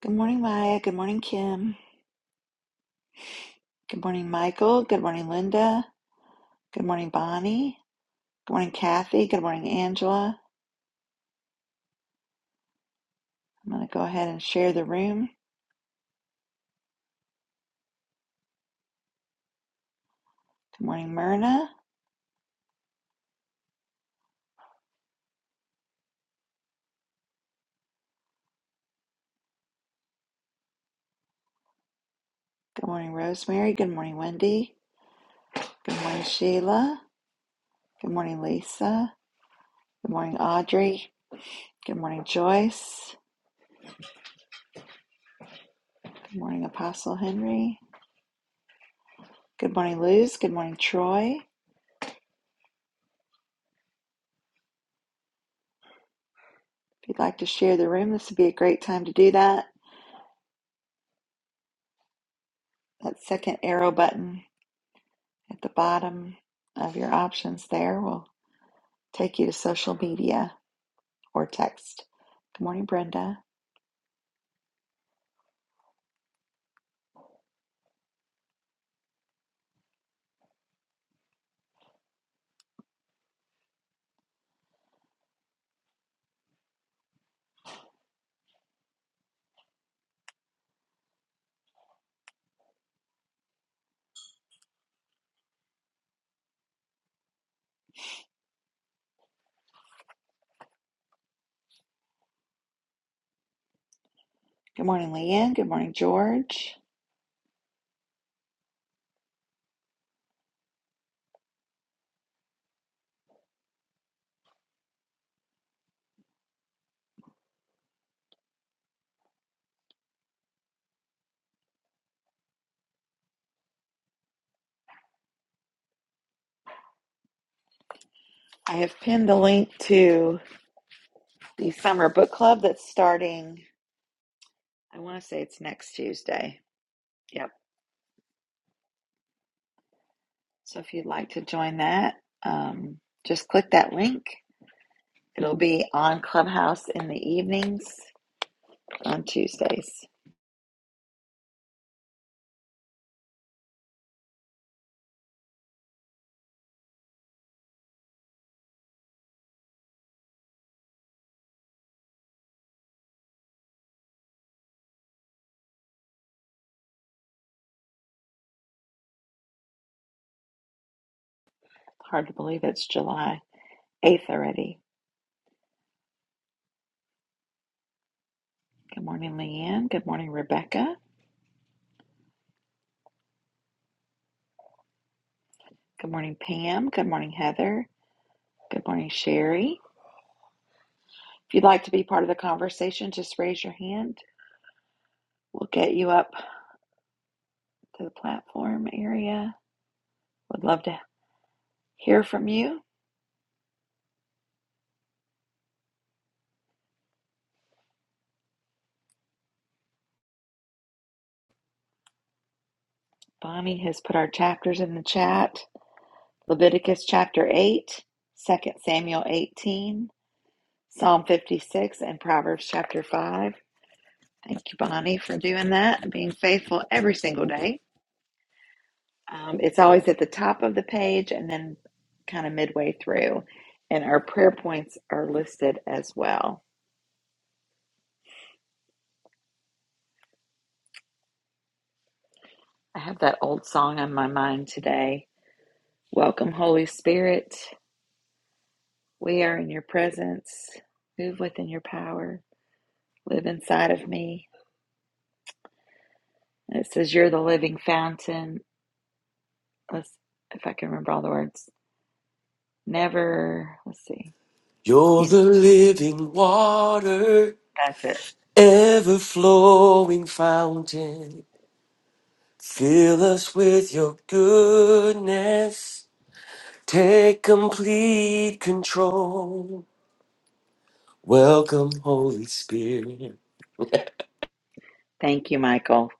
Good morning, Maya. Good morning, Kim. Good morning, Michael. Good morning, Linda. Good morning, Bonnie. Good morning, Kathy. Good morning, Angela. I'm going to go ahead and share the room. Good morning, Myrna. Good morning, Rosemary. Good morning, Wendy. Good morning, Sheila. Good morning, Lisa. Good morning, Audrey. Good morning, Joyce. Good morning, Apostle Henry. Good morning, Luz. Good morning, Troy. If you'd like to share the room, this would be a great time to do that. That second arrow button At the bottom of your options there will take you to social media or text. Good morning, Brenda. Good morning, Leanne. Good morning, George. I have pinned the link to the summer book club that's starting, I want to say it's next Tuesday. Yep. So if you'd like to join that, um, just click that link. It'll be on Clubhouse in the evenings on Tuesdays. Hard to believe it's July 8th already. Good morning, Leanne. Good morning, Rebecca. Good morning, Pam. Good morning, Heather. Good morning, Sherry. If you'd like to be part of the conversation, just raise your hand. We'll get you up to the platform area. Would love to hear from you. Bonnie has put our chapters in the chat Leviticus chapter 8, Second Samuel 18, Psalm 56, and Proverbs chapter 5. Thank you, Bonnie, for doing that and being faithful every single day. Um, it's always at the top of the page and then kind of midway through. And our prayer points are listed as well. I have that old song on my mind today. Welcome, Holy Spirit. We are in your presence. Move within your power. Live inside of me. And it says, You're the living fountain. Let's, if I can remember all the words. Never, let's see. You're You, the living water, that's it. ever flowing fountain. Fill us with your goodness. Take complete control. Welcome, Holy Spirit. Thank you, Michael.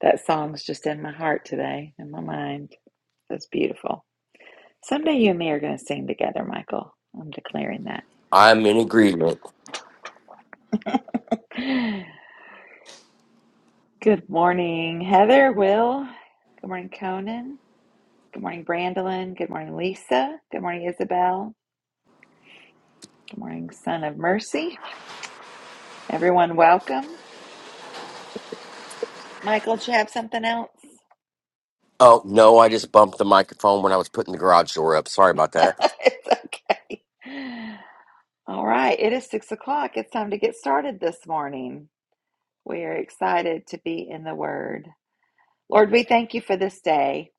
That song's just in my heart today, in my mind. That's beautiful. Someday you and me are going to sing together, Michael. I'm declaring that. I'm in agreement. Good morning, Heather, Will. Good morning, Conan. Good morning, Brandolyn. Good morning, Lisa. Good morning, Isabel. Good morning, Son of Mercy. Everyone, welcome. Michael, did you have something else? Oh, no, I just bumped the microphone when I was putting the garage door up. Sorry about that. it's okay. All right, it is six o'clock. It's time to get started this morning. We are excited to be in the Word. Lord, we thank you for this day.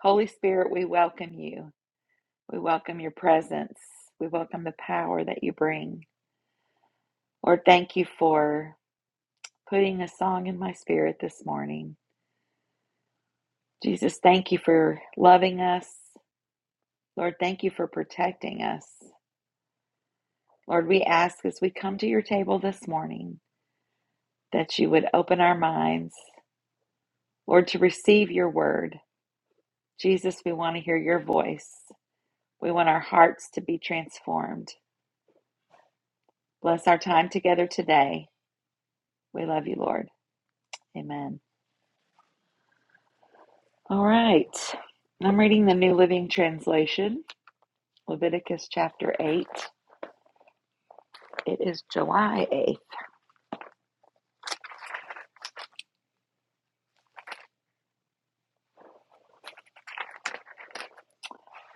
Holy Spirit, we welcome you. We welcome your presence. We welcome the power that you bring. Lord, thank you for putting a song in my spirit this morning. Jesus, thank you for loving us. Lord, thank you for protecting us. Lord, we ask as we come to your table this morning that you would open our minds, Lord, to receive your word. Jesus, we want to hear your voice. We want our hearts to be transformed. Bless our time together today. We love you, Lord. Amen. All right. I'm reading the New Living Translation, Leviticus chapter 8. It is July 8th.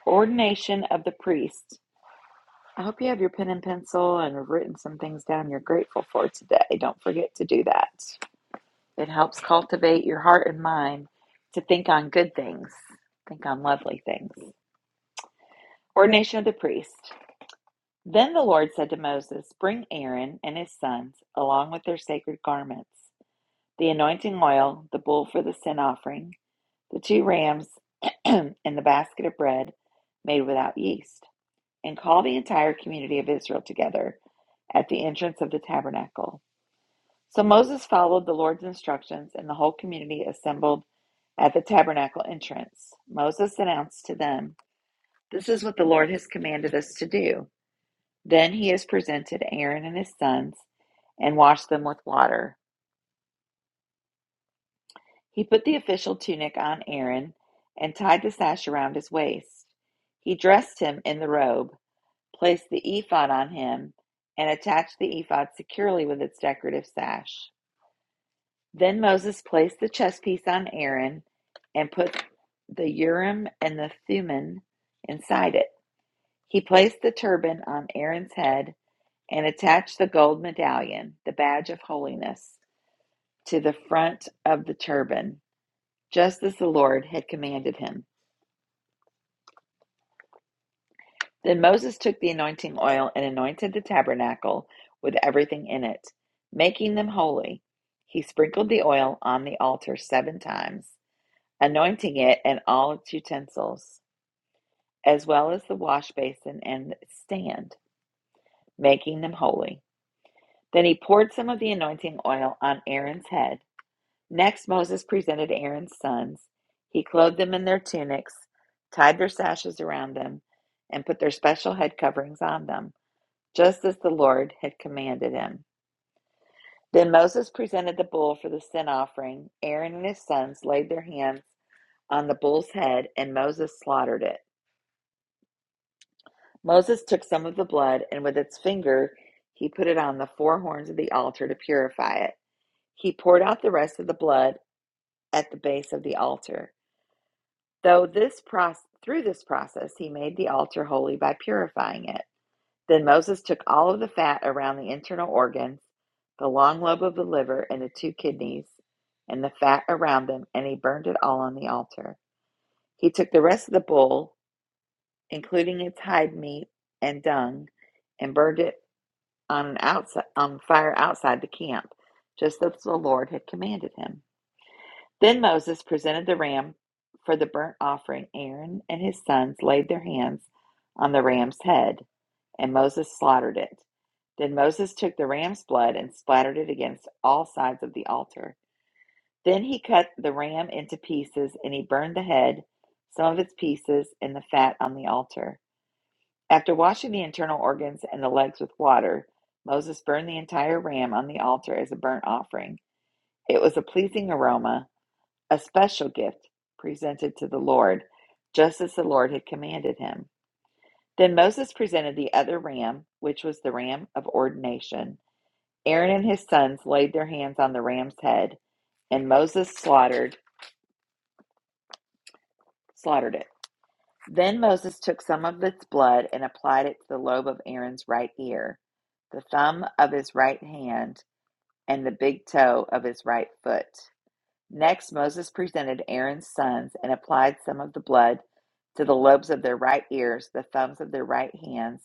Ordination of the priest. I hope you have your pen and pencil and have written some things down you're grateful for today. Don't forget to do that. It helps cultivate your heart and mind to think on good things, think on lovely things. Ordination of the priest. Then the Lord said to Moses, Bring Aaron and his sons along with their sacred garments. the anointing oil, the bull for the sin offering, the two rams, and the basket of bread made without yeast, and call the entire community of Israel together at the entrance of the tabernacle. So Moses followed the Lord's instructions, and the whole community assembled at the tabernacle entrance. Moses announced to them, This is what the Lord has commanded us to do. Then he has presented Aaron and his sons and washed them with water. He put the official tunic on Aaron and tied the sash around his waist. He dressed him in the robe, placed the ephod on him, and attached the ephod securely with its decorative sash. Then Moses placed the chest piece on Aaron and put the Urim and the Thummim inside it. He placed the turban on Aaron's head and attached the gold medallion, the badge of holiness, to the front of the turban, just as the Lord had commanded him. Then Moses took the anointing oil and anointed the tabernacle with everything in it, making them holy. He sprinkled the oil on the altar seven times, anointing it and all its utensils, as well as the wash basin and stand, making them holy. Then he poured some of the anointing oil on Aaron's head. Next, Moses presented Aaron's sons. He clothed them in their tunics, tied their sashes around them, and put their special head coverings on them. just as the Lord had commanded him. Then Moses presented the bull for the sin offering. Aaron and his sons laid their hands on the bull's head, and Moses slaughtered it. Moses took some of the blood, and with its finger he put it on the four horns of the altar to purify it. He poured out the rest of the blood at the base of the altar. Though this proc- through this process, he made the altar holy by purifying it. Then Moses took all of the fat around the internal organs, the long lobe of the liver, and the two kidneys, and the fat around them, and he burned it all on the altar. He took the rest of the bull, including its hide meat and dung, and burned it on an outside on fire outside the camp, just as the Lord had commanded him. Then Moses presented the ram for the burnt offering. Aaron and his sons laid their hands on the ram's head, and Moses slaughtered it. Then Moses took the ram's blood and splattered it against all sides of the altar. Then he cut the ram into pieces, and he burned the head, some of its pieces, and the fat on the altar. After washing the internal organs and the legs with water, Moses burned the entire ram on the altar as a burnt offering. It was a pleasing aroma a special gift presented to the Lord, just as the Lord had commanded him. Then Moses presented the other ram, which was the ram of ordination. Aaron and his sons laid their hands on the ram's head, and Moses slaughtered slaughtered it. Then Moses took some of its blood and applied it to the lobe of Aaron's right ear, the thumb of his right hand, and the big toe of his right foot. Next, Moses presented Aaron's sons and applied some of the blood to the lobes of their right ears, the thumbs of their right hands,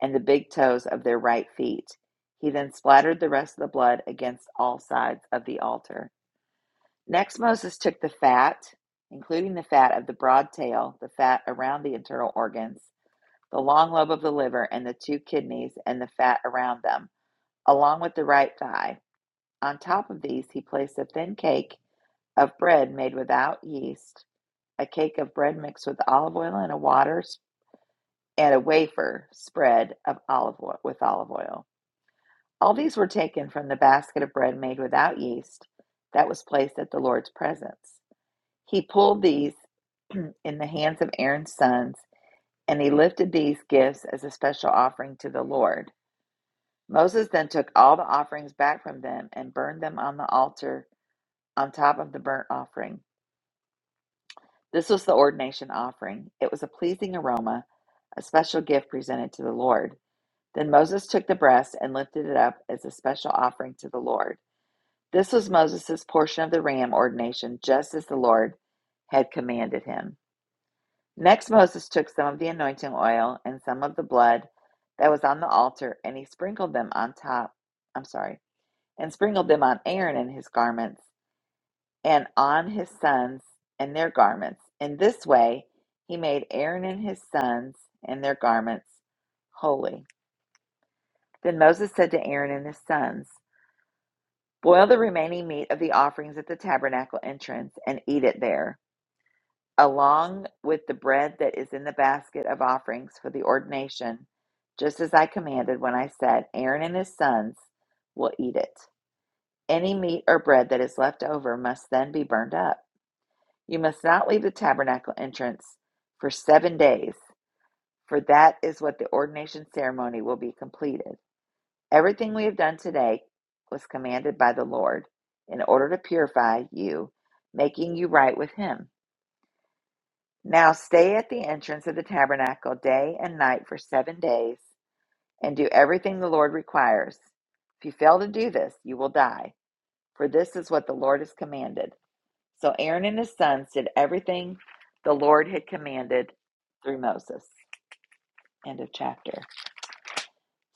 and the big toes of their right feet. He then splattered the rest of the blood against all sides of the altar. Next, Moses took the fat, including the fat of the broad tail, the fat around the internal organs, the long lobe of the liver, and the two kidneys, and the fat around them, along with the right thigh. On top of these, he placed a thin cake of bread made without yeast, a cake of bread mixed with olive oil, and a water and a wafer spread of olive oil with olive oil. All these were taken from the basket of bread made without yeast that was placed at the Lord's presence. He pulled these in the hands of Aaron's sons, and he lifted these gifts as a special offering to the Lord. Moses then took all the offerings back from them and burned them on the altar on top of the burnt offering. This was the ordination offering. It was a pleasing aroma, a special gift presented to the Lord. Then Moses took the breast and lifted it up as a special offering to the Lord. This was Moses' portion of the ram ordination, just as the Lord had commanded him. Next, Moses took some of the anointing oil and some of the blood that was on the altar, and he sprinkled them on top. I'm sorry, and sprinkled them on Aaron and his garments and on his sons and their garments. In this way, he made Aaron and his sons and their garments holy. Then Moses said to Aaron and his sons, Boil the remaining meat of the offerings at the tabernacle entrance and eat it there, along with the bread that is in the basket of offerings for the ordination, just as I commanded when I said, Aaron and his sons will eat it. Any meat or bread that is left over must then be burned up. You must not leave the tabernacle entrance for seven days, for that is what the ordination ceremony will be completed. Everything we have done today was commanded by the Lord in order to purify you, making you right with Him. Now stay at the entrance of the tabernacle day and night for seven days and do everything the Lord requires. If you fail to do this, you will die, for this is what the Lord has commanded. So Aaron and his sons did everything the Lord had commanded through Moses. End of chapter.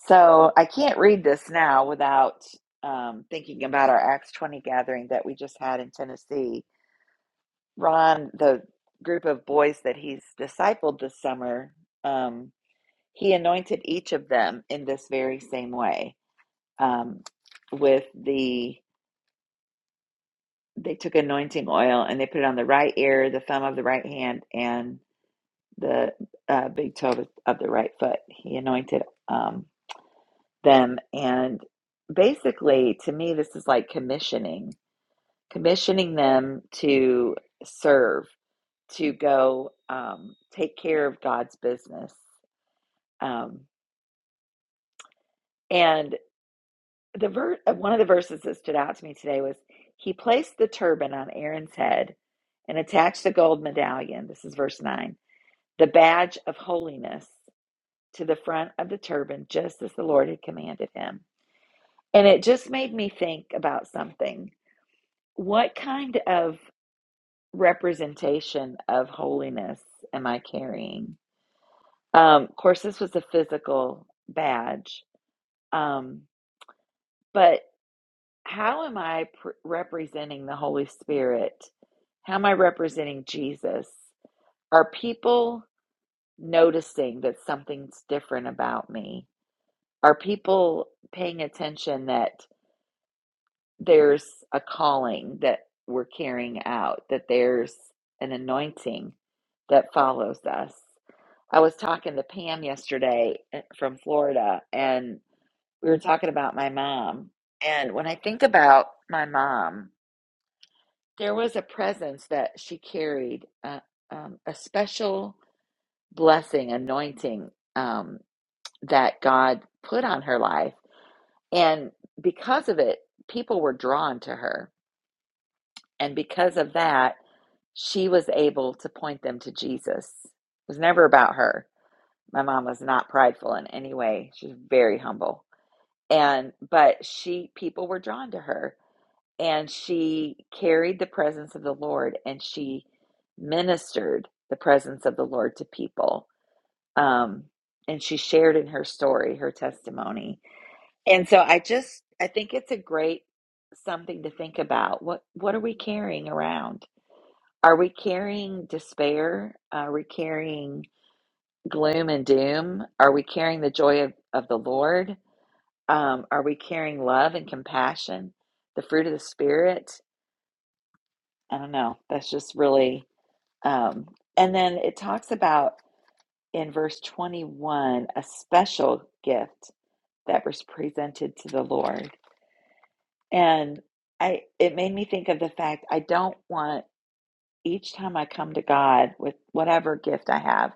So I can't read this now without um, thinking about our Acts 20 gathering that we just had in Tennessee. Ron, the group of boys that he's discipled this summer, um, he anointed each of them in this very same way um, with the. They took anointing oil and they put it on the right ear, the thumb of the right hand, and the uh, big toe of of the right foot. He anointed um, them. And basically, to me, this is like commissioning, commissioning them to serve, to go um, take care of God's business. Um, and the ver- uh, one of the verses that stood out to me today was He placed the turban on Aaron's head and attached the gold medallion. This is verse 9 the badge of holiness to the front of the turban, just as the Lord had commanded him. And it just made me think about something. What kind of representation of holiness am I carrying? Um, of course, this was a physical badge, um, but how am I pr- representing the Holy Spirit? How am I representing Jesus? Are people noticing that something's different about me? Are people paying attention that there's a calling that we're carrying out, that there's an anointing that follows us. I was talking to Pam yesterday eh, from Florida, and we were talking about my mom. And when I think about my mom, there was a presence that she carried, uh, um, a special blessing, anointing um, that God put on her life. And because of it, people were drawn to her. And because of that, she was able to point them to Jesus. It was never about her. My mom was not prideful in any way. She was very humble. And but she people were drawn to her and she carried the presence of the Lord and she ministered the presence of the Lord to people. Um and she shared in her story, her testimony. And so I just I think it's a great something to think about. What what are we carrying around? Are we carrying despair? Are we carrying gloom and doom? Are we carrying the joy of, of the Lord? Um, are we carrying love and compassion, the fruit of the Spirit? I don't know. That's just really. Um, and then it talks about in verse 21 a special gift that was presented to the Lord. And I it made me think of the fact I don't want each time I come to God with whatever gift I have.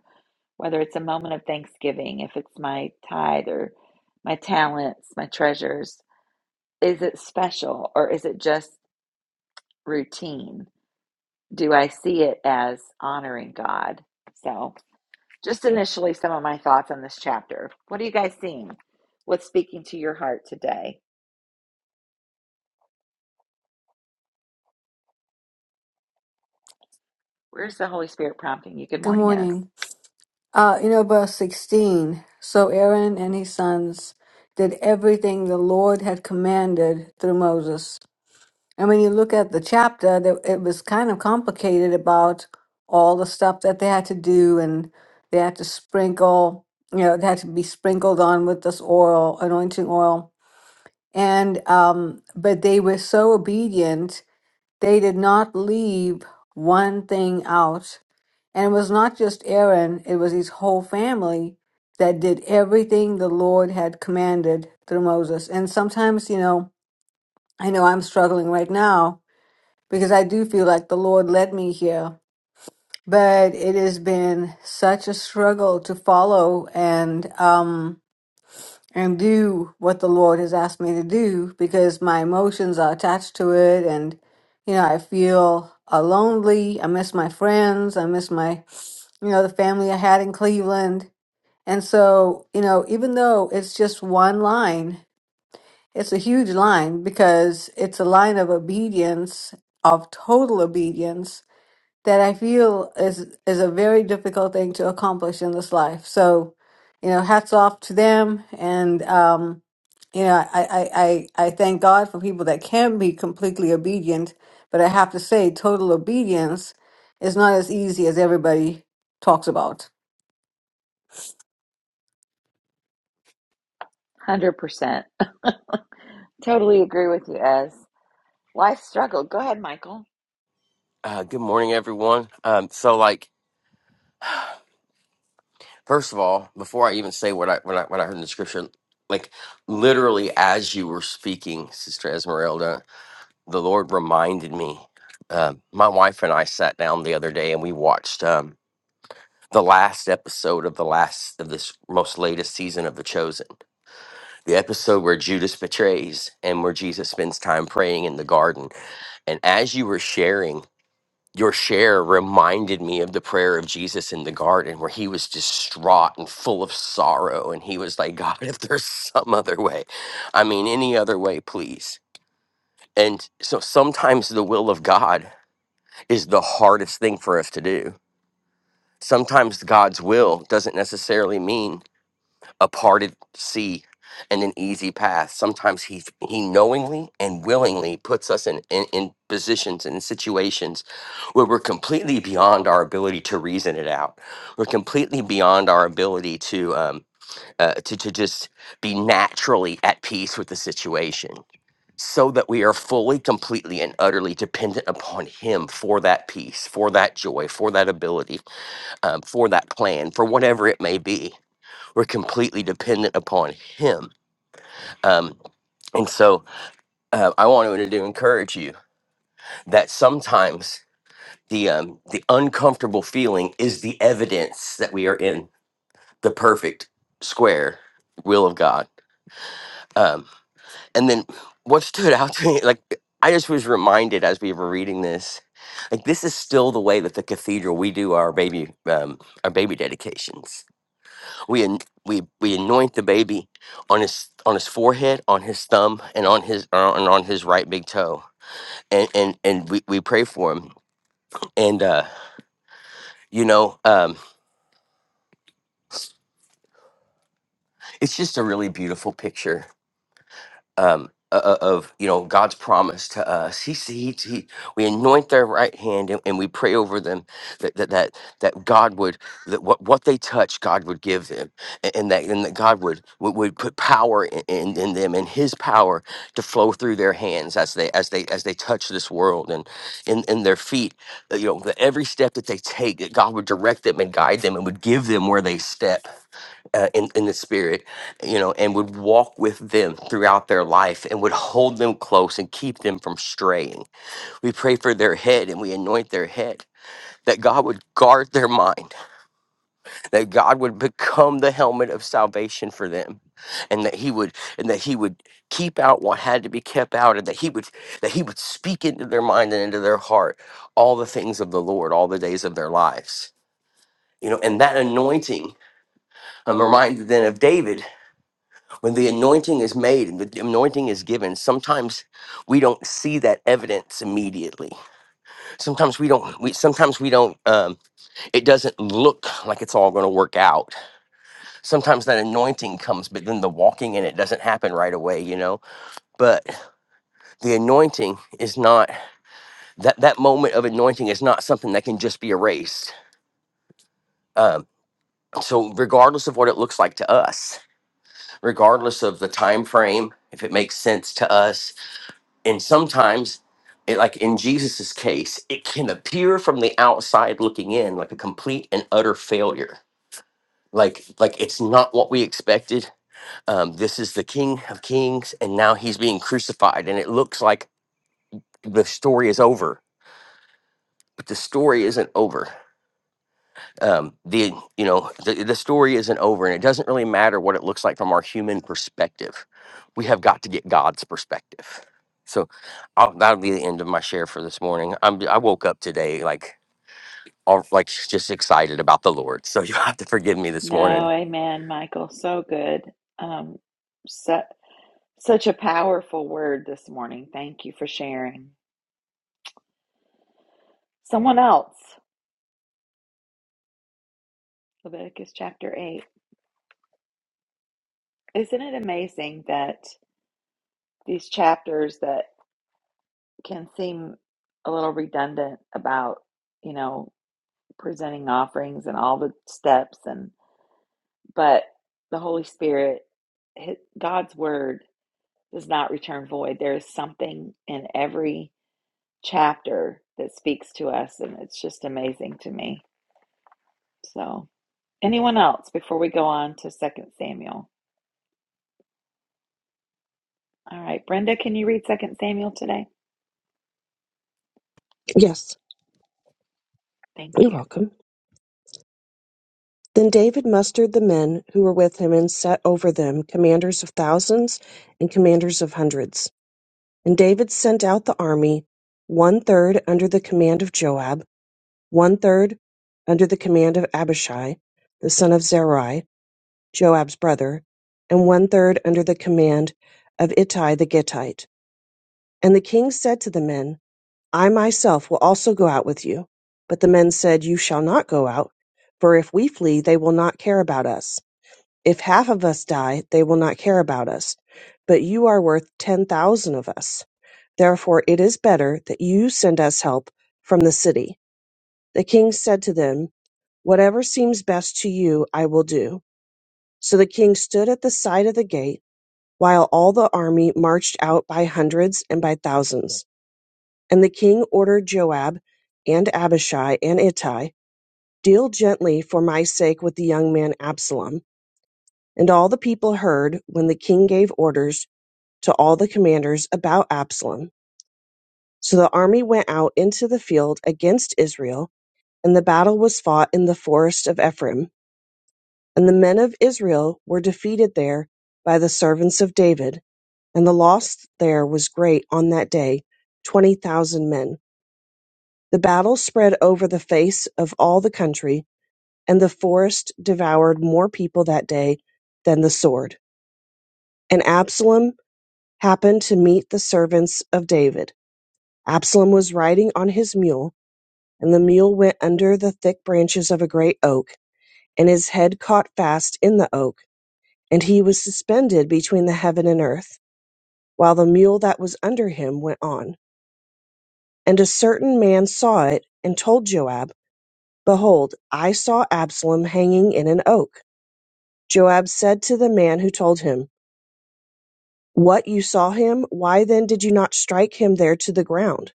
whether it's a moment of thanksgiving, if it's my tithe or my talents, my treasures, is it special or is it just routine? Do I see it as honoring God? So, just initially, some of my thoughts on this chapter. What are you guys seeing? What's speaking to your heart today? Where's the Holy Spirit prompting you? Good Good morning, is morning. Uh, you know, verse 16. So Aaron and his sons did everything the Lord had commanded through Moses. And when you look at the chapter, that it was kind of complicated about all the stuff that they had to do, and they had to sprinkle, you know, it had to be sprinkled on with this oil, anointing oil. And, um, but they were so obedient they did not leave one thing out. And it was not just Aaron, it was his whole family that did everything the Lord had commanded through Moses. And sometimes, you know, I know I'm struggling right now because I do feel like the Lord led me here, but it has been such a struggle to follow. And, um and do what the Lord has asked me to do because my emotions are attached to it. And, you know, I feel uh, lonely. I miss my friends. I miss my, you know, the family I had in Cleveland. And so, you know, even though it's just one line, it's a huge line because it's a line of obedience, of total obedience that I feel is is a very difficult thing to accomplish in this life. So, you know, hats off to them, and um, you know, I I I, I thank God for people that can be completely obedient. But I have to say, total obedience is not as easy as everybody talks about. 100%. Totally agree with you, Ez. Life struggle. Go ahead, Michael. Uh, good morning, everyone. Um, so, like, First of all, before I even say what I when I when I heard in the scripture, like literally as you were speaking, Sister Esmeralda, the Lord reminded me. Uh, my wife and I sat down the other day and we watched um, the last episode of the last of this most latest season of The Chosen, the episode where Judas betrays and where Jesus spends time praying in the garden. And as you were sharing your share reminded me of the prayer of Jesus in the garden where he was distraught and full of sorrow and he was like God if there's some other way I mean any other way please and so sometimes the will of God is the hardest thing for us to do sometimes God's will doesn't necessarily mean a parted sea and an easy path sometimes he he knowingly and willingly puts us in in, in positions and in situations where we're completely beyond our ability to reason it out. We're completely beyond our ability to um, uh, to to just be naturally at peace with the situation, so that we are fully, completely, and utterly dependent upon Him for that peace, for that joy, for that ability, um, for that plan, for whatever it may be. We're completely dependent upon Him. Um, and so uh, I wanted to to encourage you that sometimes the um, the uncomfortable feeling is the evidence that we are in the perfect square will of God. Um, and then what stood out to me, like I just was reminded as we were reading this, like this is still the way that the cathedral we do our baby um, our baby dedications. We an- we we anoint the baby on his on his forehead, on his thumb, and on his uh, and on his right big toe, and and and we, we pray for him. And uh, you know. Um, it's just a really beautiful picture um, o- o- of you know God's promise to us. He, s- he, he we anoint their right hand and, and we pray over them that that that, that God would that what, what they touch God would give them a- and that and that God would would, would put power in, in, in them and His power to flow through their hands as they as they as they touch this world and in in their feet uh, you know that every step that they take that God would direct them and guide them and would give them where they step uh, in in the spirit, you know, and would walk with them throughout their life and would hold them close and keep them from straying. We pray for their head and we anoint their head that God would guard their mind, that God would become the helmet of salvation for them, and that He would and that He would keep out what had to be kept out, and that He would that He would speak into their mind and into their heart all the things of the Lord all the days of their lives. You know, and that anointing um, reminded then of David when the anointing is made and the anointing is given sometimes we don't see that evidence immediately sometimes we don't we sometimes we don't um, it doesn't look like it's all going to work out sometimes that anointing comes but then the walking in it doesn't happen right away you know but the anointing is not that that moment of anointing is not something that can just be erased um, so regardless of what it looks like to us regardless of the time frame if it makes sense to us and sometimes it, like in jesus's case it can appear from the outside looking in like a complete and utter failure like like it's not what we expected um this is the king of kings and now he's being crucified and it looks like the story is over but the story isn't over um, the you know the, the story isn't over and it doesn't really matter what it looks like from our human perspective we have got to get god's perspective so I'll, that'll be the end of my share for this morning I'm, i woke up today like all like just excited about the lord so you have to forgive me this No, morning amen, Michael. So good. Um, su- such a powerful word this morning. Thank you for sharing. Someone else, Leviticus chapter 8. Isn't it amazing that these chapters that can seem a little redundant about, you know, presenting offerings and all the steps and but the Holy Spirit hi- God's word does not return void. There is something in every chapter that speaks to us, and it's just amazing to me. So, anyone else before we go on to Second Samuel? All right, Brenda, can you read Second Samuel today? Yes, Thank you're you. welcome. Then David mustered the men who were with him and set over them commanders of thousands and commanders of hundreds. And David sent out the army, one third under the command of Joab, one third under the command of Abishai, the son of Zeruiah, Joab's brother, and one third under the command of Ittai the Gittite. And the king said to the men, I myself will also go out with you. But the men said, You shall not go out, for if we flee, they will not care about us. If half of us die, they will not care about us. But you are worth ten thousand of us. Therefore it is better that you send us help from the city. The king said to them, Whatever seems best to you, I will do. So the king stood at the side of the gate, while all the army marched out by hundreds and by thousands. And the king ordered Joab, and Abishai, and Ittai, Deal gently for my sake with the young man Absalom. And all the people heard when the king gave orders to all the commanders about Absalom. So the army went out into the field against Israel, and the battle was fought in the forest of Ephraim. And the men of Israel were defeated there by the servants of David, and the loss there was great on that day, twenty thousand men. The battle spread over the face of all the country, and the forest devoured more people that day than the sword. And Absalom happened to meet the servants of David. Absalom was riding on his mule, and the mule went under the thick branches of a great oak, and his head caught fast in the oak, and he was suspended between the heaven and earth, while the mule that was under him went on. And a certain man saw it, and told Joab. Behold, I saw Absalom hanging in an oak. Joab said to the man who told him, What, you saw him? Why then did you not strike him there to the ground?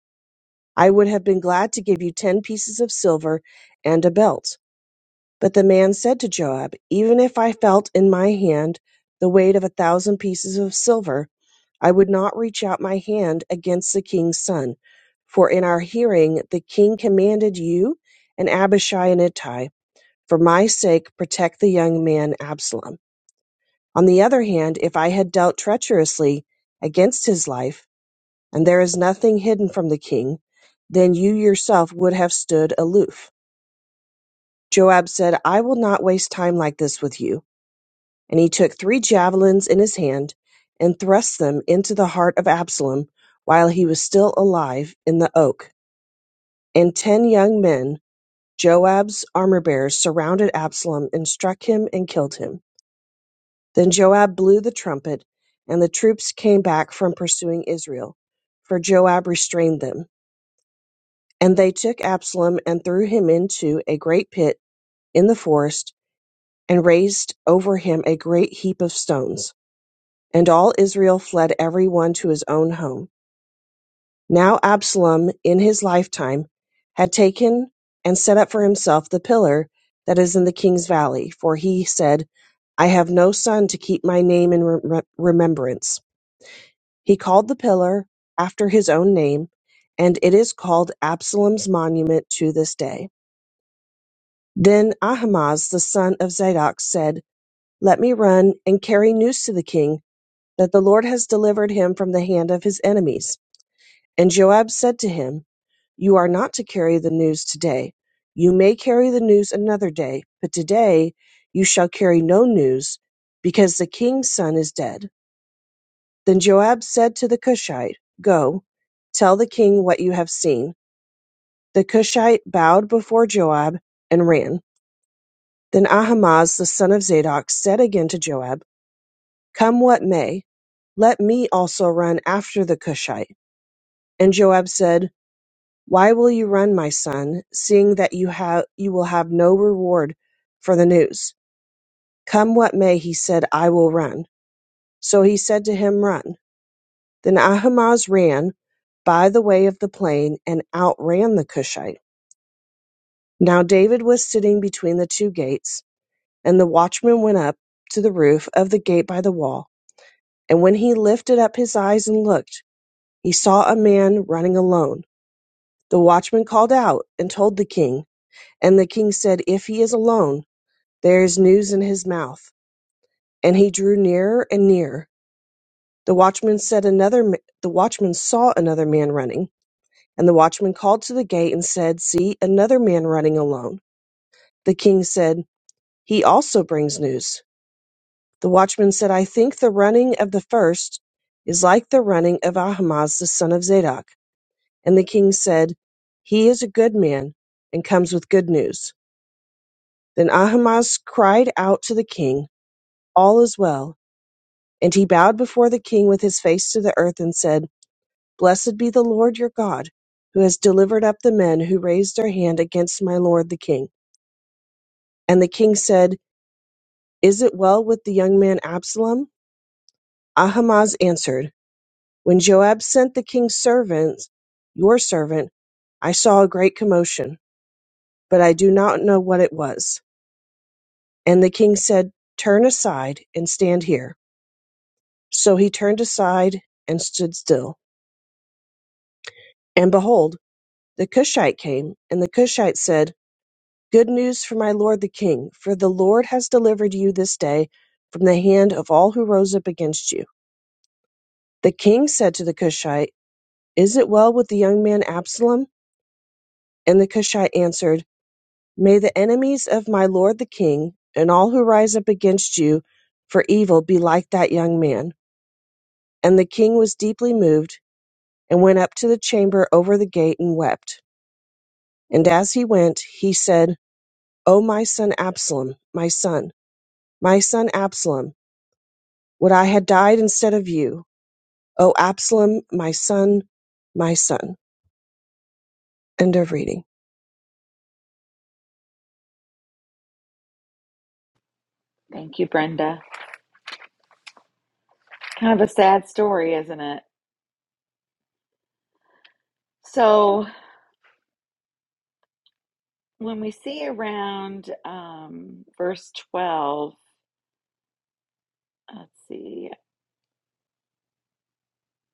I would have been glad to give you ten pieces of silver and a belt. But the man said to Joab, Even if I felt in my hand the weight of a thousand pieces of silver, I would not reach out my hand against the king's son. For in our hearing the king commanded you and Abishai and Ittai. For my sake, protect the young man Absalom. On the other hand, if I had dealt treacherously against his life, and there is nothing hidden from the king, then you yourself would have stood aloof. Joab said, I will not waste time like this with you. And he took three javelins in his hand and thrust them into the heart of Absalom while he was still alive in the oak. And ten young men, Joab's armor bearers, surrounded Absalom and struck him and killed him. Then Joab blew the trumpet, and the troops came back from pursuing Israel, for Joab restrained them. And they took Absalom and threw him into a great pit in the forest, and raised over him a great heap of stones. And all Israel fled every one to his own home. Now Absalom, in his lifetime, had taken and set up for himself the pillar that is in the king's valley, for he said, I have no son to keep my name in rem remembrance. He called the pillar after his own name, and it is called Absalom's monument to this day. Then Ahimaaz the son of Zadok said, Let me run and carry news to the king that the Lord has delivered him from the hand of his enemies. And Joab said to him, You are not to carry the news today. You may carry the news another day, but today you shall carry no news, because the king's son is dead. Then Joab said to the Cushite, Go, tell the king what you have seen. The Cushite bowed before Joab and ran. Then Ahimaaz the son of Zadok said again to Joab, Come what may, let me also run after the Cushite. And Joab said, Why will you run, my son, seeing that you have you will have no reward for the news? Come what may, he said, I will run. So he said to him, Run. Then Ahimaaz ran by the way of the plain, and outran the Cushite. Now David was sitting between the two gates, and the watchman went up to the roof of the gate by the wall. And when he lifted up his eyes and looked, he saw a man running alone. The watchman called out and told the king, and the king said, If he is alone, there is news in his mouth. And he drew nearer and nearer. The watchman said another the watchman saw another man running And the watchman called to the gate and said, See, another man running alone. The king said, He also brings news. The watchman said, I think the running of the first is like the running of Ahimaaz the son of Zadok. And the king said, He is a good man and comes with good news. Then Ahimaaz cried out to the king, All is well. And he bowed before the king with his face to the earth and said, Blessed be the Lord your God, who has delivered up the men who raised their hand against my lord the king. And the king said, Is it well with the young man Absalom? Ahimaaz answered, When Joab sent the king's servant, your servant, I saw a great commotion, but I do not know what it was. And the king said, Turn aside and stand here. So he turned aside and stood still. And behold, the Cushite came, and the Cushite said, Good news for my lord the king, for the Lord has delivered you this day from the hand of all who rose up against you. The king said to the Cushite, Is it well with the young man Absalom? And the Cushite answered, May the enemies of my lord the king, and all who rise up against you for evil, be like that young man. And the king was deeply moved, and went up to the chamber over the gate and wept. And as he went, he said, O my son Absalom, my son, my son Absalom, would I had died instead of you. O Absalom, my son, my son. End of reading. Thank you, Brenda. Kind of a sad story, isn't it? So, when we see around um, verse 12, let's see,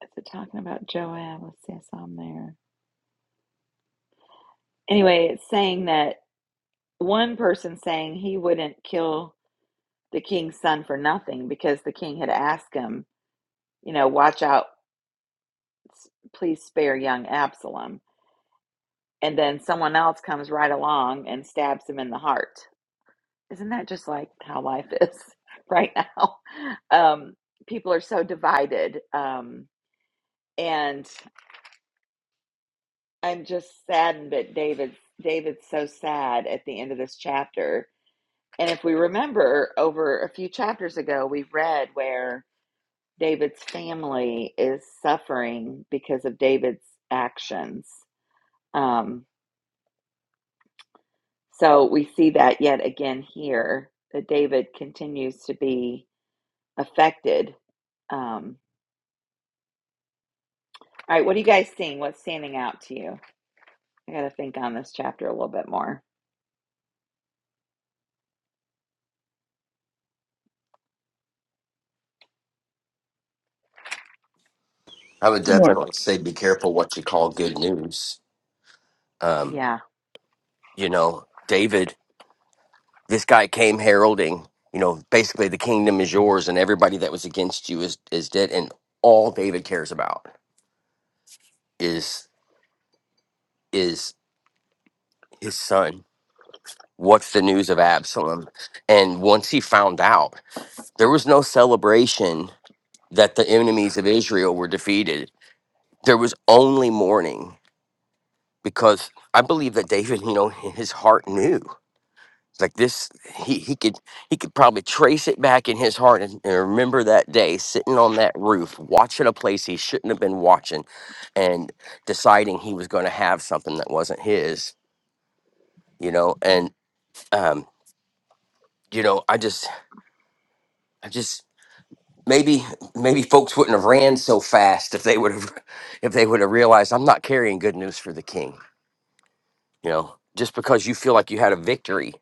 is it talking about Joab? Let's see, I saw him there. Anyway, it's saying that one person saying he wouldn't kill the king's son for nothing because the king had asked him, you know, watch out, please spare young Absalom. And then someone else comes right along and stabs him in the heart. Isn't that just like how life is right now? Um, people are so divided. Um, and I'm just saddened that David David's so sad at the end of this chapter. And if we remember over a few chapters ago, we read where David's family is suffering because of David's actions. Um, so we see that yet again here that David continues to be affected. Um, all right, what are you guys seeing? What's standing out to you? I got to think on this chapter a little bit more. i would Good morning. definitely say be careful what you call good news um, Yeah, you know david this guy came heralding you know basically the kingdom is yours and everybody that was against you is is dead and all david cares about is is his son. What's the news of Absalom? And once he found out, there was no celebration that the enemies of Israel were defeated. There was only mourning because I believe that David, you know, his heart knew. Like this, he, he could he could probably trace it back in his heart and, and remember that day sitting on that roof, watching a place he shouldn't have been watching, and deciding he was going to have something that wasn't his, you know. And um. you know, I just, I just maybe, maybe folks wouldn't have ran so fast if they would have, if they would have realized I'm not carrying good news for the king. You know, just because you feel like you had a victory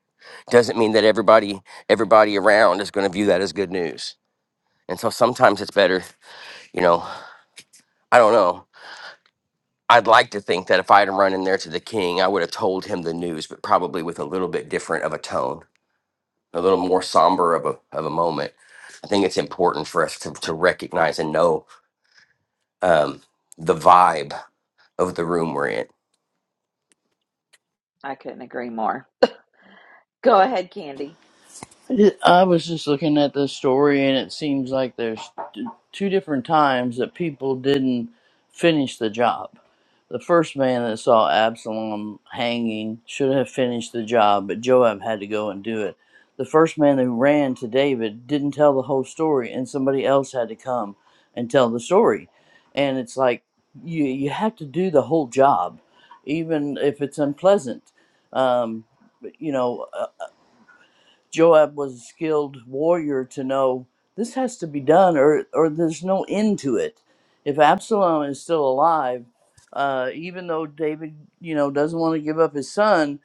doesn't mean that everybody, everybody around is going to view that as good news. And so sometimes it's better, you know, I don't know. I'd like to think that if I had run in there to the king, I would have told him the news, but probably with a little bit different of a tone, a little more somber of a, of a moment. I think it's important for us to, to recognize and know um, the vibe of the room we're in. I couldn't agree more. Go ahead, Candy. It- I was just looking at the story, and it seems like there's t- two different times that people didn't finish the job. The first man that saw Absalom hanging should have finished the job, but Joab had to go and do it. The first man who ran to David didn't tell the whole story, and somebody else had to come and tell the story. And it's like you you have to do the whole job, even if it's unpleasant. Um, you know. Joab was a skilled warrior to know this has to be done, or or there's no end to it. If Absalom is still alive, uh, even though David, you know, doesn't want to give up his son,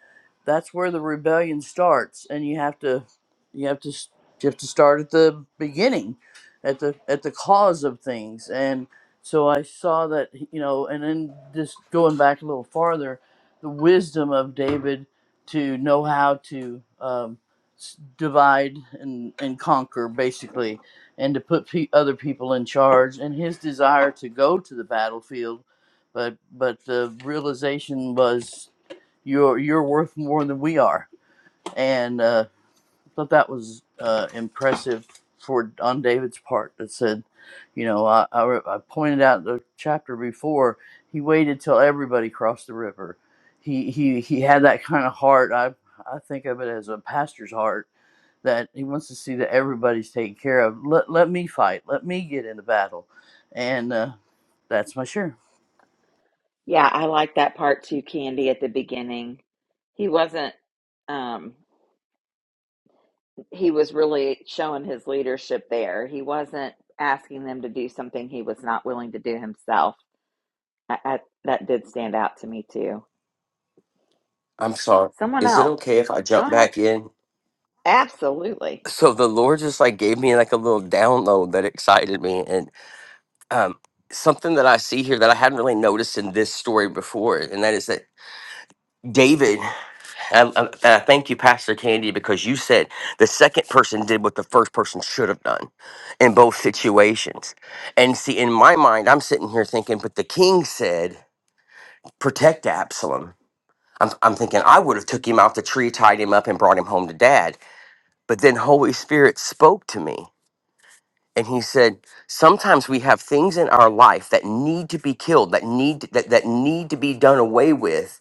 that's where the rebellion starts, and you have to, you have to, s- you have to start at the beginning, at the at the cause of things. And so I saw that, you know, and then just going back a little farther, the wisdom of David to know how to. Um, divide and, and conquer basically and to put pe- other people in charge and his desire to go to the battlefield but but the realization was you're you're worth more than we are and uh I thought that was uh impressive for on David's part that said you know I, I, re- I pointed out the chapter before he waited till everybody crossed the river he he he had that kind of heart I I think of it as a pastor's heart that he wants to see that everybody's taken care of. Let let me fight. Let me get in the battle, and uh, that's my share. Yeah, I like that part too, Candy, at the beginning. He wasn't. Um, he was really showing his leadership there. He wasn't asking them to do something he was not willing to do himself. I, I, that did stand out to me too. I'm sorry. Someone Is it else, okay if I go jump ahead. back in? Absolutely, So the Lord just like gave me like a little download that excited me, and um, something that I see here that I hadn't really noticed in this story before, and that is that David. And I, and I thank you, Pastor Candy, because you said the second person did what the first person should have done in both situations. And see, in my mind, I'm sitting here thinking, but the king said protect Absalom, I'm, I'm thinking I would have took him out the tree, tied him up, and brought him home to dad. But then Holy Spirit spoke to me and he said, sometimes we have things in our life that need to be killed, that need that, that need to be done away with.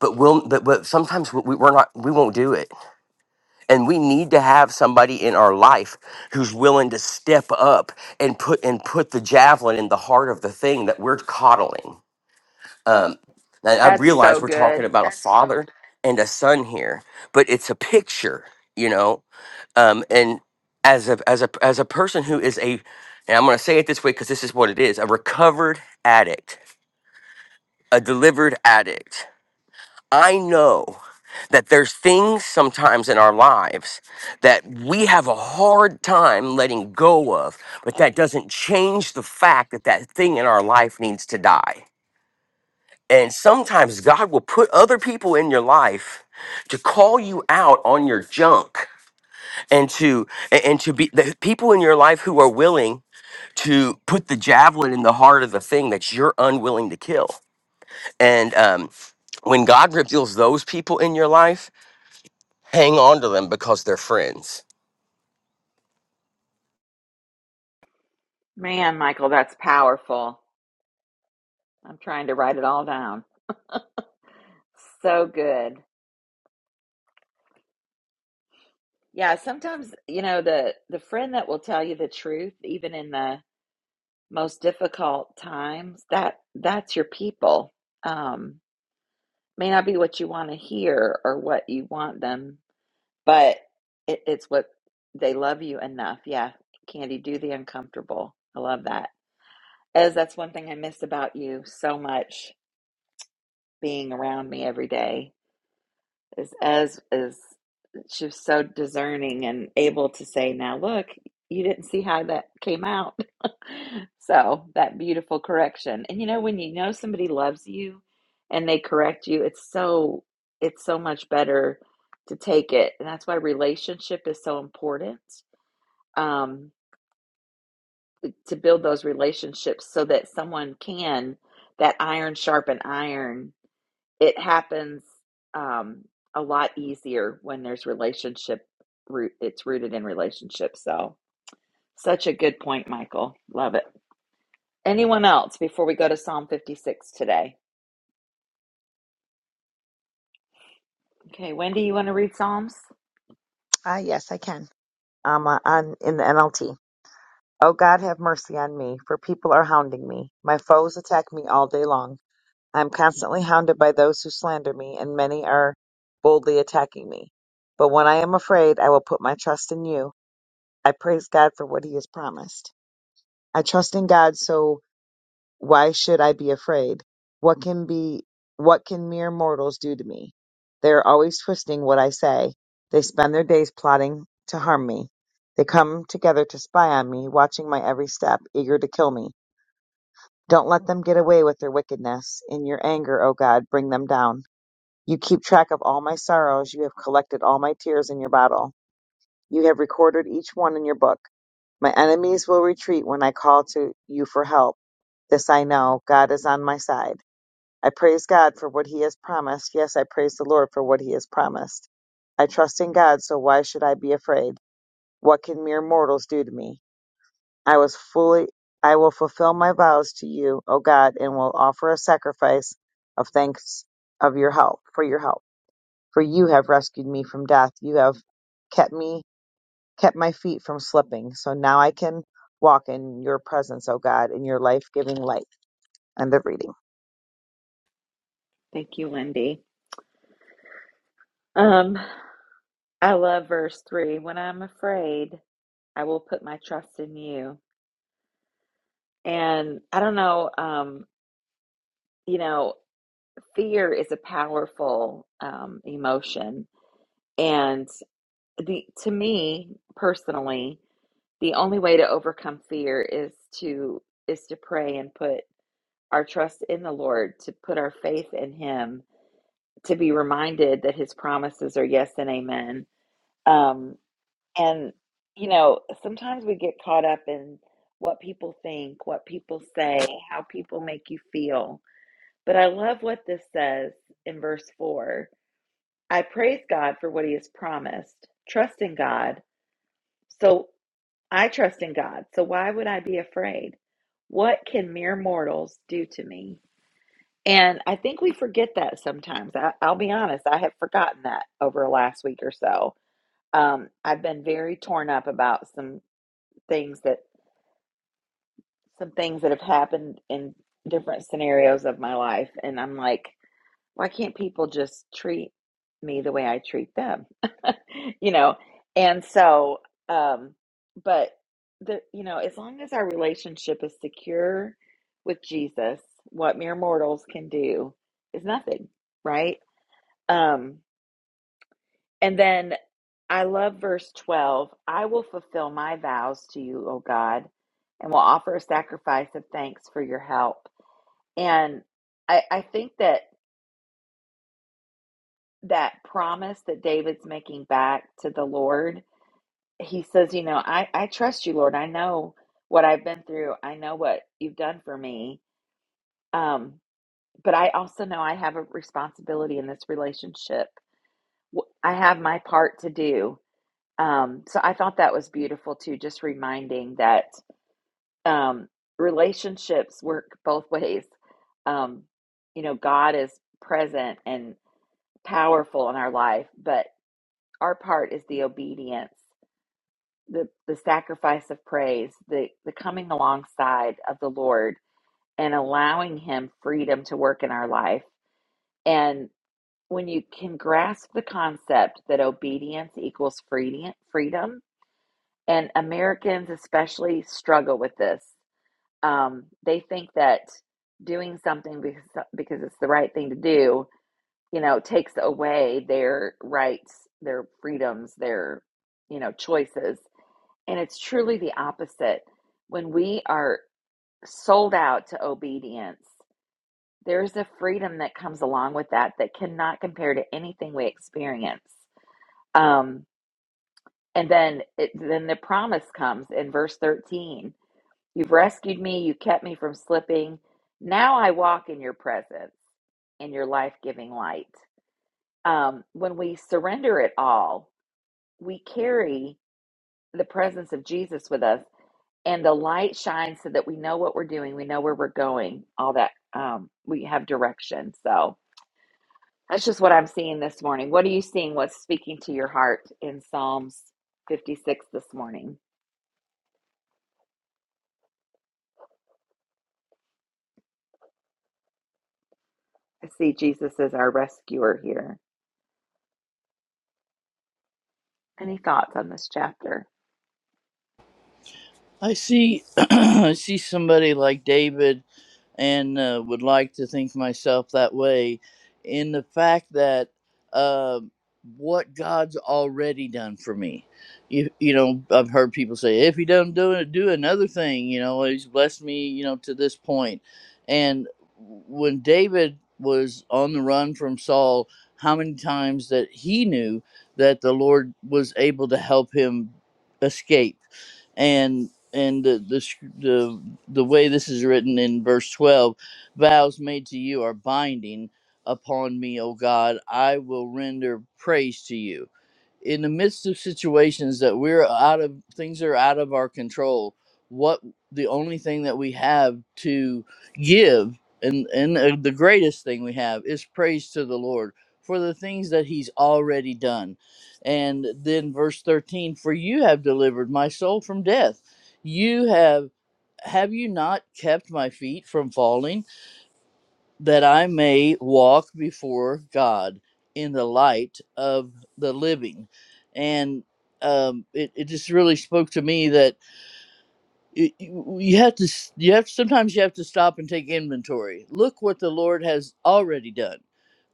But we'll, but, but sometimes we, we're not, we won't do it. And we need to have somebody in our life who's willing to step up and put, and put the javelin in the heart of the thing that we're coddling Um, and I that's realize so we're talking good, about a father and a son here, but it's a picture, you know. Um, and as a as a as a person who is a, and I'm going to say it this way because this is what it is: a recovered addict, a delivered addict. I know that there's things sometimes in our lives that we have a hard time letting go of, but that doesn't change the fact that that thing in our life needs to die And sometimes God will put other people in your life to call you out on your junk and to and and to be the people in your life who are willing to put the javelin in the heart of the thing that you're unwilling to kill. And um, when God reveals those people in your life, hang on to them because they're friends. man, Michael. That's powerful. I'm trying to write it all down. So good. Yeah, sometimes you know the the friend that will tell you the truth, even in the most difficult times. That that's your people. Um, may not be what you want to hear or what you want them, but it, it's what they love you enough. Yeah, Candy, do the uncomfortable. I love that. As that's one thing I miss about you so much being around me every day is as is she was so discerning and able to say, now look, you didn't see how that came out. so that beautiful correction. And you know, when you know somebody loves you and they correct you, it's so it's so much better to take it. And that's why relationship is so important. Um, to build those relationships so that someone can that iron sharpen iron it happens um, a lot easier when there's relationship root it's rooted in relationship so such a good point michael love it anyone else before we go to psalm 56 today okay wendy you want to read psalms Ah, yes, I can. Um, uh, on in the NLT. Oh God, have mercy on me, for people are hounding me. My foes attack me all day long. I am constantly hounded by those who slander me, and many are boldly attacking me. But when I am afraid, I will put my trust in you. I praise God for what He has promised. I trust in God, so why should I be afraid? What can be what can mere mortals do to me? They are always twisting what I say. They spend their days plotting to harm me. They come together to spy on me, watching my every step, eager to kill me. Don't let them get away with their wickedness. In your anger, O God, bring them down. You keep track of all my sorrows. You have collected all my tears in your bottle. You have recorded each one in your book. My enemies will retreat when I call to you for help. This I know. God is on my side. I praise God for what He has promised. Yes, I praise the Lord for what He has promised. I trust in God, so why should I be afraid? What can mere mortals do to me? I was fully I will fulfill my vows to you, O God, and will offer a sacrifice of thanks of your help for your help. For you have rescued me from death. You have kept me kept my feet from slipping. So now I can walk in your presence, O God, in your life giving light. End of reading. thank you wendy um i love verse 3 when i'm afraid i will put my trust in you and i don't know um you know fear is a powerful um emotion And the to me personally the only way to overcome fear is to is to pray and put our trust in the lord to put our faith in him to be reminded that his promises are yes and amen um and you know sometimes we get caught up in what people think what people say how people make you feel but i love what this says in verse 4 i praise god for what he has promised trust in god so I trust in God, so why would I be afraid? What can mere mortals do to me? And I think we forget that sometimes. I, I'll be honest, I have forgotten that over the last week or so. Um, I've been very torn up about some things that some things that have happened in different scenarios of my life, and I'm like, why can't people just treat me the way I treat them? you know, and so, um, but the, you know, as long as our relationship is secure with Jesus, what mere mortals can do is nothing, right? Um, and then I love verse 12 I will fulfill my vows to you, O God, and will offer a sacrifice of thanks for your help. And I, I think that. that promise that David's making back to the Lord, he says, You know, I, I trust you, Lord. I know what I've been through, I know what you've done for me. Um, but I also know I have a responsibility in this relationship. W- I have my part to do. Um, so I thought that was beautiful too, just reminding that um, relationships work both ways. Um, you know, God is present and powerful in our life, but our part is the obedience, the, the sacrifice of praise, the, the coming alongside of the Lord and allowing Him freedom to work in our life. And when you can grasp the concept that obedience equals freedom, freedom, and Americans especially struggle with this. Um, they think that doing something because, because it's the right thing to do, you know, takes away their rights, their freedoms, their, you know, choices And it's truly the opposite. When we are sold out to obedience, there's a freedom that comes along with that that cannot compare to anything we experience. Um, and then, it, then the promise comes in verse 13 You've rescued me, you kept me from slipping. Now I walk in your presence, in your life giving light. Um, when we surrender it all, we carry the presence of Jesus with us and the light shines so that we know what we're doing, we know where we're going, all that. Um, we have direction. So that's just what I'm seeing this morning. What are you seeing? What's speaking to your heart in Psalms 56 this morning? I see Jesus as our rescuer here. Any thoughts on this chapter? I see, I see somebody like David, and uh, would like to think myself that way, in the fact that uh, what God's already done for me. You, you know, I've heard people say, if He doesn't do it, do another thing. You know, He's blessed me. You know, to this point, point. and when David was on the run from Saul, how many times that he knew that the Lord was able to help him escape and the, the sc- the the way this is written in verse 12 vows made to you are binding upon me o god i will render praise to you in the midst of situations that we're out of things are out of our control what the only thing that we have to give and and uh, the greatest thing we have is praise to the lord for the things that he's already done and then verse 13 for you have delivered my soul from death you have have you not kept my feet from falling that I may walk before God in the light of the living. And um, it, it just really spoke to me that it, you you have to you have sometimes you have to stop and take inventory. Look what the Lord has already done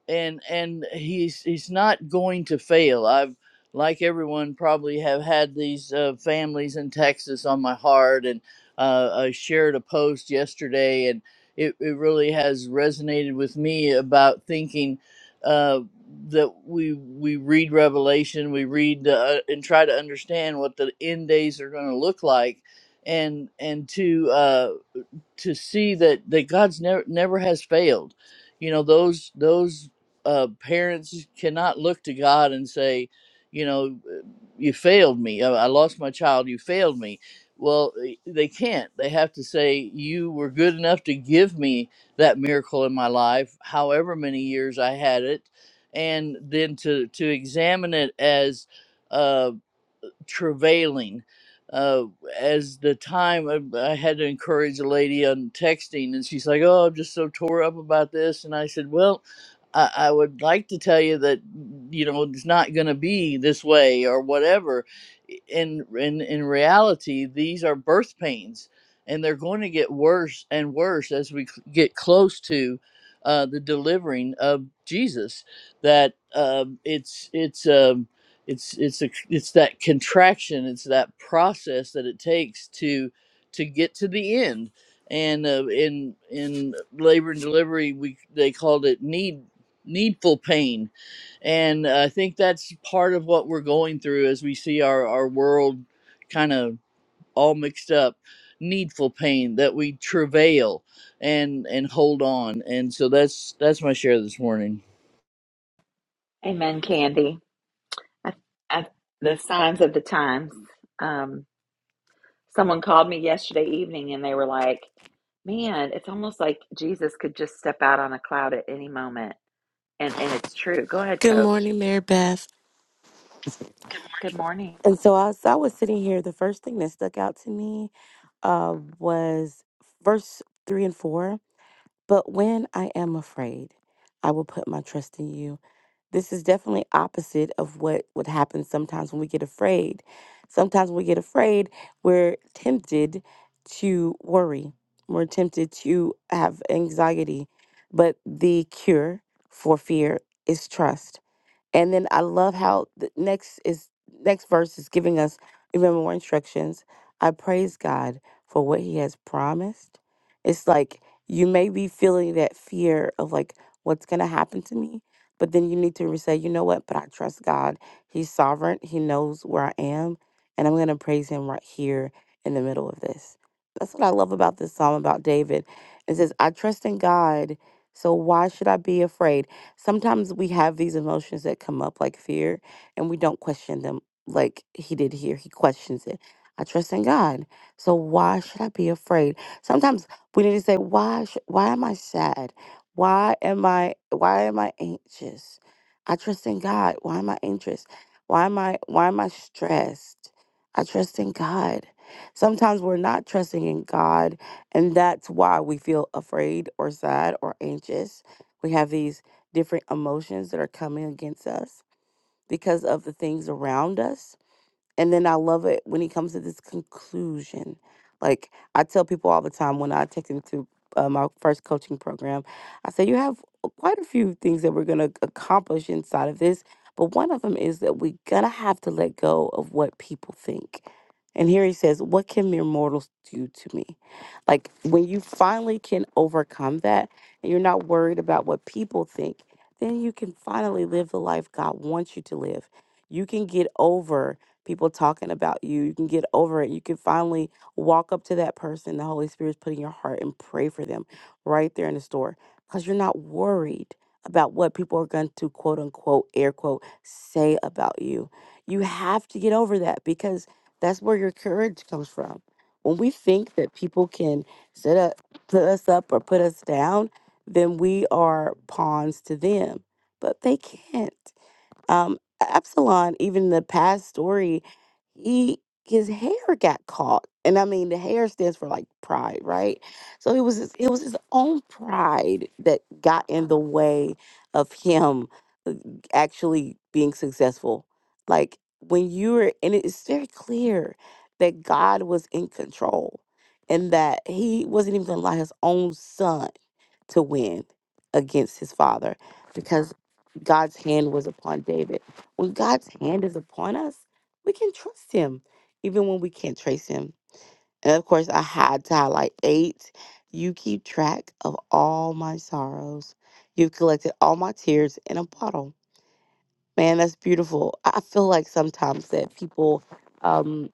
and and he's he's not going to fail. I've like everyone probably have had these uh, families in Texas on my heart, and uh, I shared a post yesterday, and it, it really has resonated with me about thinking uh, that we we read Revelation, we read uh, and try to understand what the end days are going to look like, and and to uh, to see that that God's never never has failed. You know those those uh, parents cannot look to God and say, you know, you failed me. I, I lost my child. You failed me. Well, they they can't. They have to say you were good enough to give me that miracle in my life, however many years I had it, and then to to examine it as. uh, travailing uh, as the time I, I had to encourage a lady on texting, and she's like, "Oh, I'm just so tore up about this," and I said, "Well." I, I would like to tell you that you know it's not going to be this way or whatever. In in in reality, these are birth pains, and they're going to get worse and worse as we c- get close to uh, the delivering of Jesus. That um it's it's. Um it's it's a it's that contraction it's that process that it takes to to get to the end and uh, in in labor and delivery we they called it need needful pain and i think that's part of what we're going through as we see our our world kind of all mixed up needful pain that we travail and and hold on and so that's that's my share this morning Amen, Candy. I, I, the signs of the times. Um, someone called me yesterday evening and they were like, Man, it's almost like Jesus could just step out on a cloud at any moment And and it's true. Go ahead, Good coach. morning, Mary Beth. Good morning. And so as I was sitting here, the first thing that stuck out to me uh, was verse three and four. But when I am afraid, I will put my trust in you. This is definitely opposite of what would happen sometimes when we get afraid. Sometimes when we get afraid, we're tempted to worry. We're tempted to have anxiety. But the cure for fear is trust And then I love how the next is next verse is giving us even more instructions. I praise God for what he has promised. It's like you may be feeling that fear of like what's going to happen to me, but then you need to re- say, you know what, but I trust God. He's sovereign. He knows where I am, and I'm going to praise him right here in the middle of this. That's what I love about this psalm about David. It says, I trust in God, so why should I be afraid? Sometimes we have these emotions that come up like fear and we don't question them like he did here. He questions it. I trust in God. So why should I be afraid? Sometimes we need to say, why sh- why am I sad? Why am I why am I anxious? I trust in God. Why am I anxious? Why am I why am I stressed? I trust in God. Sometimes we're not trusting in God and that's why we feel afraid or sad or anxious. We have these different emotions that are coming against us because of the things around us and then I love it when he comes to this conclusion. Like I tell people all the time when I take them to uh, my first coaching program, I say, You have quite a few things that we're going to accomplish inside of this. But one of them is that we're going to have to let go of what people think. And here he says, What can mere mortals do to me? Like when you finally can overcome that and you're not worried about what people think, then you can finally live the life God wants you to live. You can get over people talking about you. You can get over it. You can finally walk up to that person the Holy Spirit's put in your heart and pray for them right there in the store because you're not worried about what people are going to quote unquote, air quote, say about you. You have to get over that because that's where your courage comes from. When we think that people can set up, put us up or put us down, then we are pawns to them. But they can't. Um, Absalom, even in the past story, he his hair got caught, and I mean the hair stands for like pride, right? So it was his, it was his own pride that got in the way of him uh, actually being successful. Like when you were, and it's very clear that God was in control, and that He wasn't even going to allow His own son to win against his father because God's hand was upon David. When God's hand is upon us, we can trust him even when we can't trace him. And of course, I had to highlight eight. You keep track of all my sorrows. You've collected all my tears in a bottle. Man, that's beautiful. I I feel like sometimes that people um,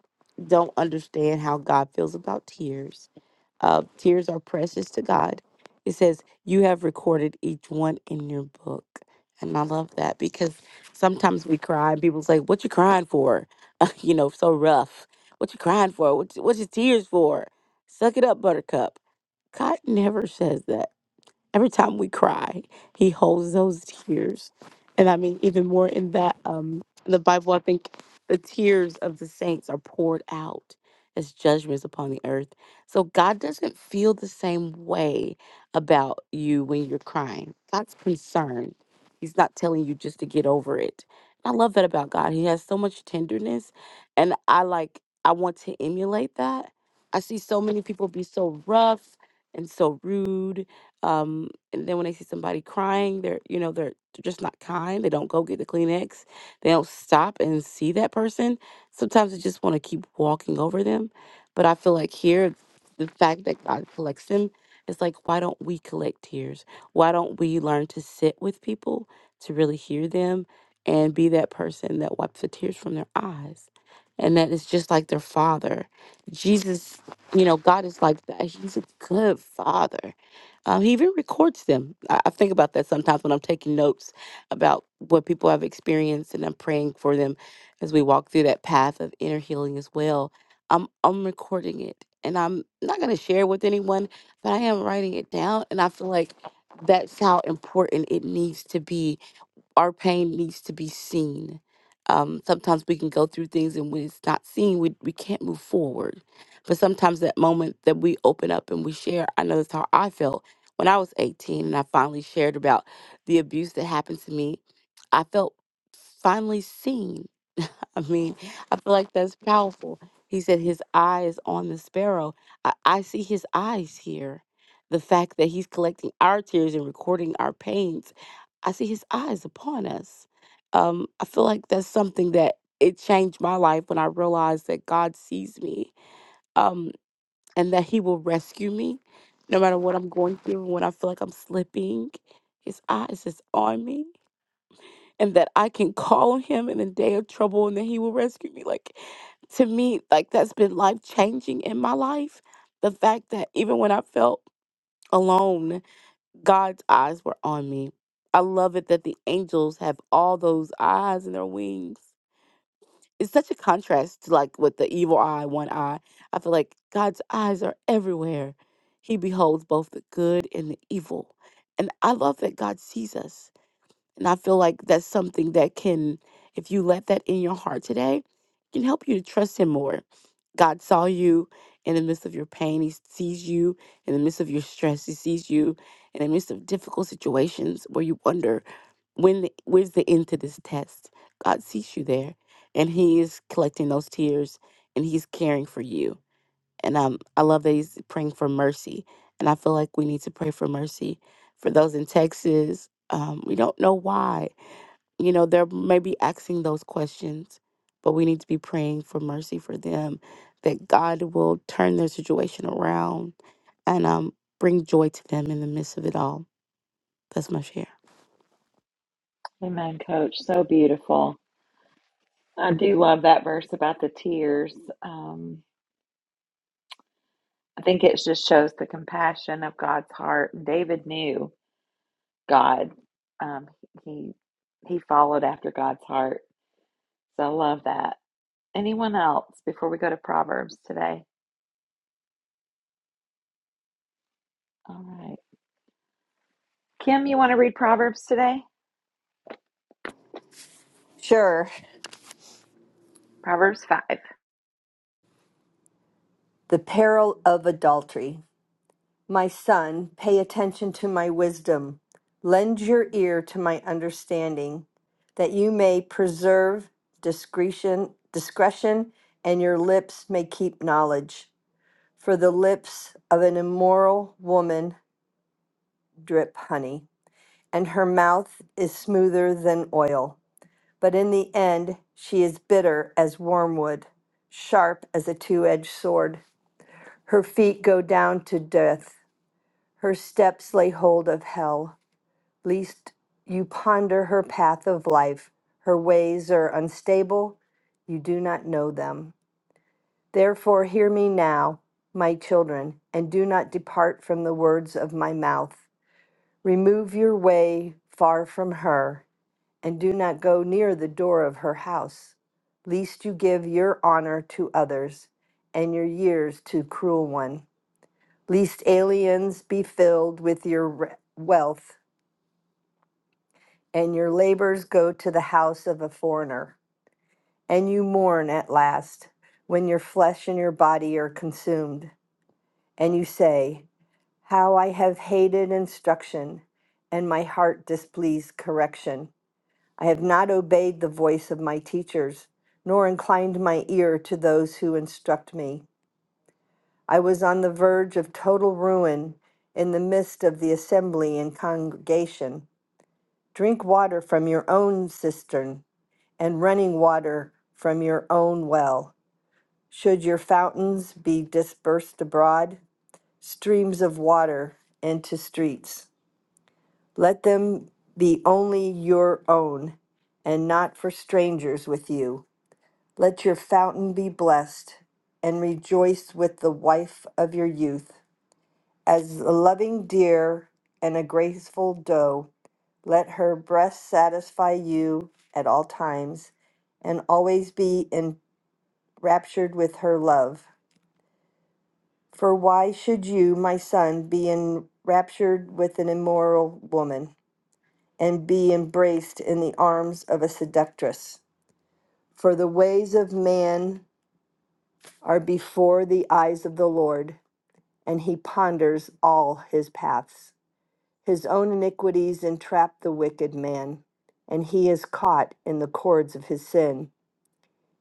don't understand how God feels about tears uh, tears are precious to God. It says, You have recorded each one in your book. And I love that because sometimes we cry and people's like, What you crying for? you know, so rough. What you crying for? What what's your tears for? Suck it up, buttercup. God never says that every time we cry, he holds those tears. And I mean, even more in that, um, in the Bible, I think the tears of the saints are poured out as judgments upon the earth. So God doesn't feel the same way about you when you're crying. God's concerned. He's not telling you just to get over it. I love that about God. He has so much tenderness. And I like, I want to emulate that. I see so many people be so rough and so rude um, and then when they see somebody crying, they're you know they're, they're just not kind. They don't go get the Kleenex. They don't stop and see that person. Sometimes they just want to keep walking over them. But I feel like here, the fact that God collects them is like, why don't we collect tears? Why don't we learn to sit with people to really hear them and be that person that wipes the tears from their eyes? And that is just like their father. Jesus, you know, God is like that. He's a good father um, he even records them. I, I think about that sometimes when I'm taking notes about what people have experienced, and I'm praying for them as we walk through that path of inner healing as well. I'm I'm recording it, and I'm not going to share it with anyone, but I am writing it down, and I feel like that's how important it needs to be our pain needs to be seen. Um, sometimes we can go through things and when it's not seen, we, we can't move forward. But sometimes that moment that we open up and we share, I know that's how I felt when I was 18 and I finally shared about the abuse that happened to me. I felt finally seen I mean, I feel like that's powerful. He said his eye is on the sparrow. I, I see his eyes here. The fact that he's collecting our tears and recording our pains, I see his eyes upon us. Um, I feel like that's something that it changed my life when I realized that God sees me um, and that he will rescue me no matter what I'm going through when I feel like I'm slipping. His eyes is on me and that I can call on him in a day of trouble and that he will rescue me. Like to me, like that's been life changing in my life. The fact that even when I felt alone, God's eyes were on me. I love it that the angels have all those eyes in their wings. It's such a contrast to like with the evil eye, one eye. I feel like God's eyes are everywhere. He beholds both the good and the evil. And I love that God sees us and I feel like that's something that can, if you let that in your heart today, can help you to trust Him more. God saw you in the midst of your pain. He sees you in the midst of your stress. He sees you in the midst of difficult situations where you wonder when the, where's the end to this test. God sees you there, and He is collecting those tears, and He's caring for you. And um, I love that He's praying for mercy. And I feel like we need to pray for mercy for those in Texas. Um, we don't know why you know, they're maybe asking those questions, but we need to be praying for mercy for them that God will turn their situation around and um, bring joy to them in the midst of it all. That's my share. Amen, coach. So beautiful. I do love that verse about the tears. Um, I think it just shows the compassion of God's heart. And David knew God. Um, he he followed after God's heart. So I love that. Anyone else before we go to Proverbs today? All right. Kim, you want to read Proverbs today? Sure. Proverbs 5. Thank The peril of adultery. My son, pay attention to my wisdom. Lend your ear to my understanding, that you may preserve discretion, discretion, and your lips may keep knowledge. For the lips of an immoral woman drip honey, and her mouth is smoother than oil. But in the end, she is bitter as wormwood, sharp as a two edged sword. Her feet go down to death, her steps lay hold of hell. Least you ponder her path of life, her ways are unstable, you do not know them. Therefore, hear me now, my children, and do not depart from the words of my mouth. Remove your way far from her, and do not go near the door of her house, lest you give your honor to others and your years to cruel ones. Least aliens be filled with your re- wealth, and your labors go to the house of a foreigner. And you mourn at last, when your flesh and your body are consumed. And you say, How I have hated instruction, and my heart displeased correction. I have not obeyed the voice of my teachers, nor inclined my ear to those who instruct me. I was on the verge of total ruin in the midst of the assembly and congregation. Drink water from your own cistern and running water from your own well. Should your fountains be dispersed abroad, streams of water into streets, let them be only your own and not for strangers with you. Let your fountain be blessed and rejoice with the wife of your youth. As a loving deer and a graceful doe, let her breast satisfy you at all times, and always be enraptured with her love. For why should you, my son, be enraptured with an immoral woman, and be embraced in the arms of a seductress? For the ways of man are before the eyes of the Lord, and he ponders all his paths. His own iniquities entrap the wicked man, and he is caught in the cords of his sin.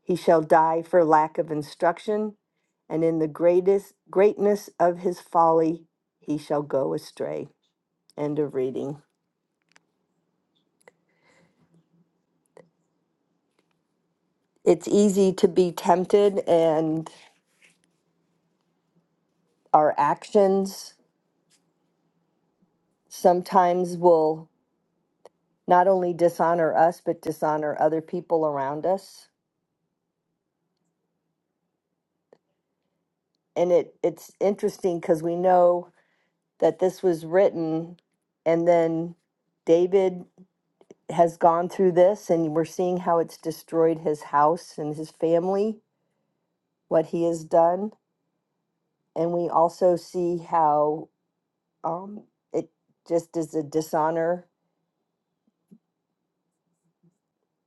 He shall die for lack of instruction, and in the greatest greatness of his folly he shall go astray. End of reading. It's easy to be tempted, and our actions sometimes will not only dishonor us, but dishonor other people around us. And it, it's interesting because we know that this was written, and then David has gone through this and we're seeing how it's destroyed his house and his family, what he has done. And we also see how um, it just is a dishonor.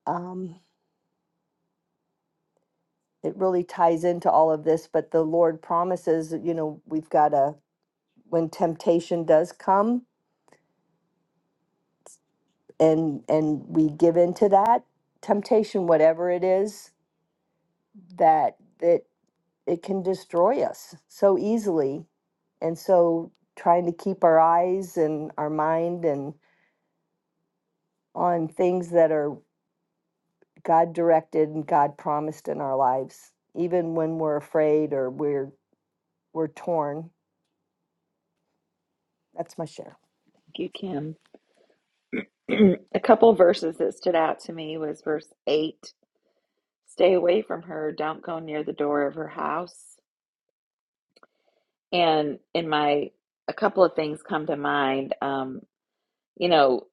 Um, it really ties into all of this, but the Lord promises, you know, we've got to, when temptation does come and and we give in to that temptation whatever it is that that it can destroy us so easily. And so trying to keep our eyes and our mind and on things that are God directed and God promised in our lives, even when we're afraid or we're we're torn. That's my share. you, Kim. a couple of verses that stood out to me was verse 8 Stay away from her. Don't go near the door of her house. And in my, a couple of things come to mind. Um, you know,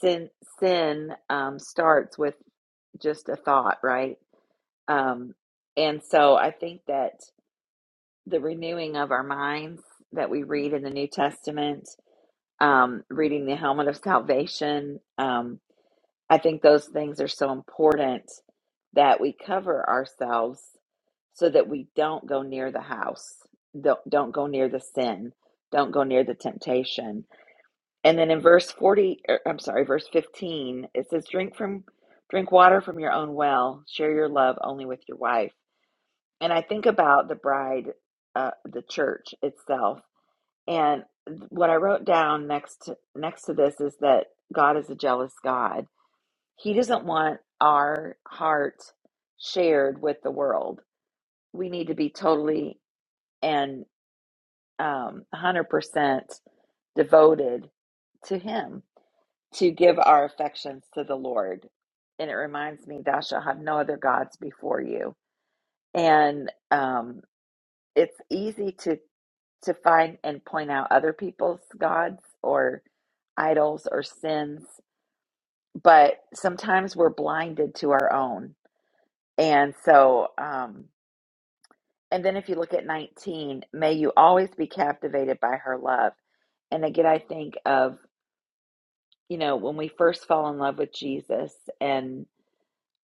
sin sin um, starts with just a thought, right? Um, and so I think that the renewing of our minds that we read in the New Testament, um, reading the helmet of salvation. Um, I think those things are so important that we cover ourselves so that we don't go near the house. Don't don't go near the sin. Don't go near the temptation. And then in verse 40, er, I'm sorry, verse 15, it says drink from drink water from your own well, share your love only with your wife. And I think about the bride uh, the church itself. And what I wrote down next to, next to this is that God is a jealous God he doesn't want our heart shared with the world. We need to be totally and um, 100% devoted to Him to give our affections to the Lord. And it reminds me, Thou shalt have no other gods before you. And um, it's easy to to find and point out other people's gods or idols or sins, but sometimes we're blinded to our own. And so, um, And then if you look at 19, may you always be captivated by her love. And again, I think of, you know, when we first fall in love with Jesus, and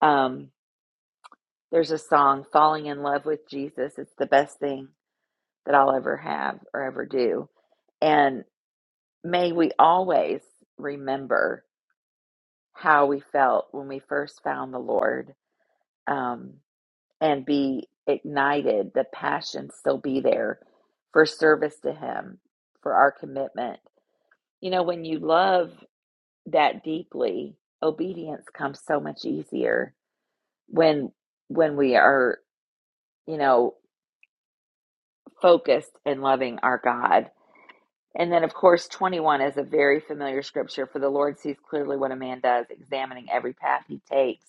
um, there's a song, Falling in Love with Jesus, it's the best thing that I'll ever have or ever do. And may we always remember how we felt when we first found the Lord. Um, and be ignited, the passion still be there for service to Him, for our commitment. You know, when you love that deeply, obedience comes so much easier when when we are, you know, focused and loving our God. And then of course 21 is a very familiar scripture for the Lord sees clearly what a man does, examining every path he takes.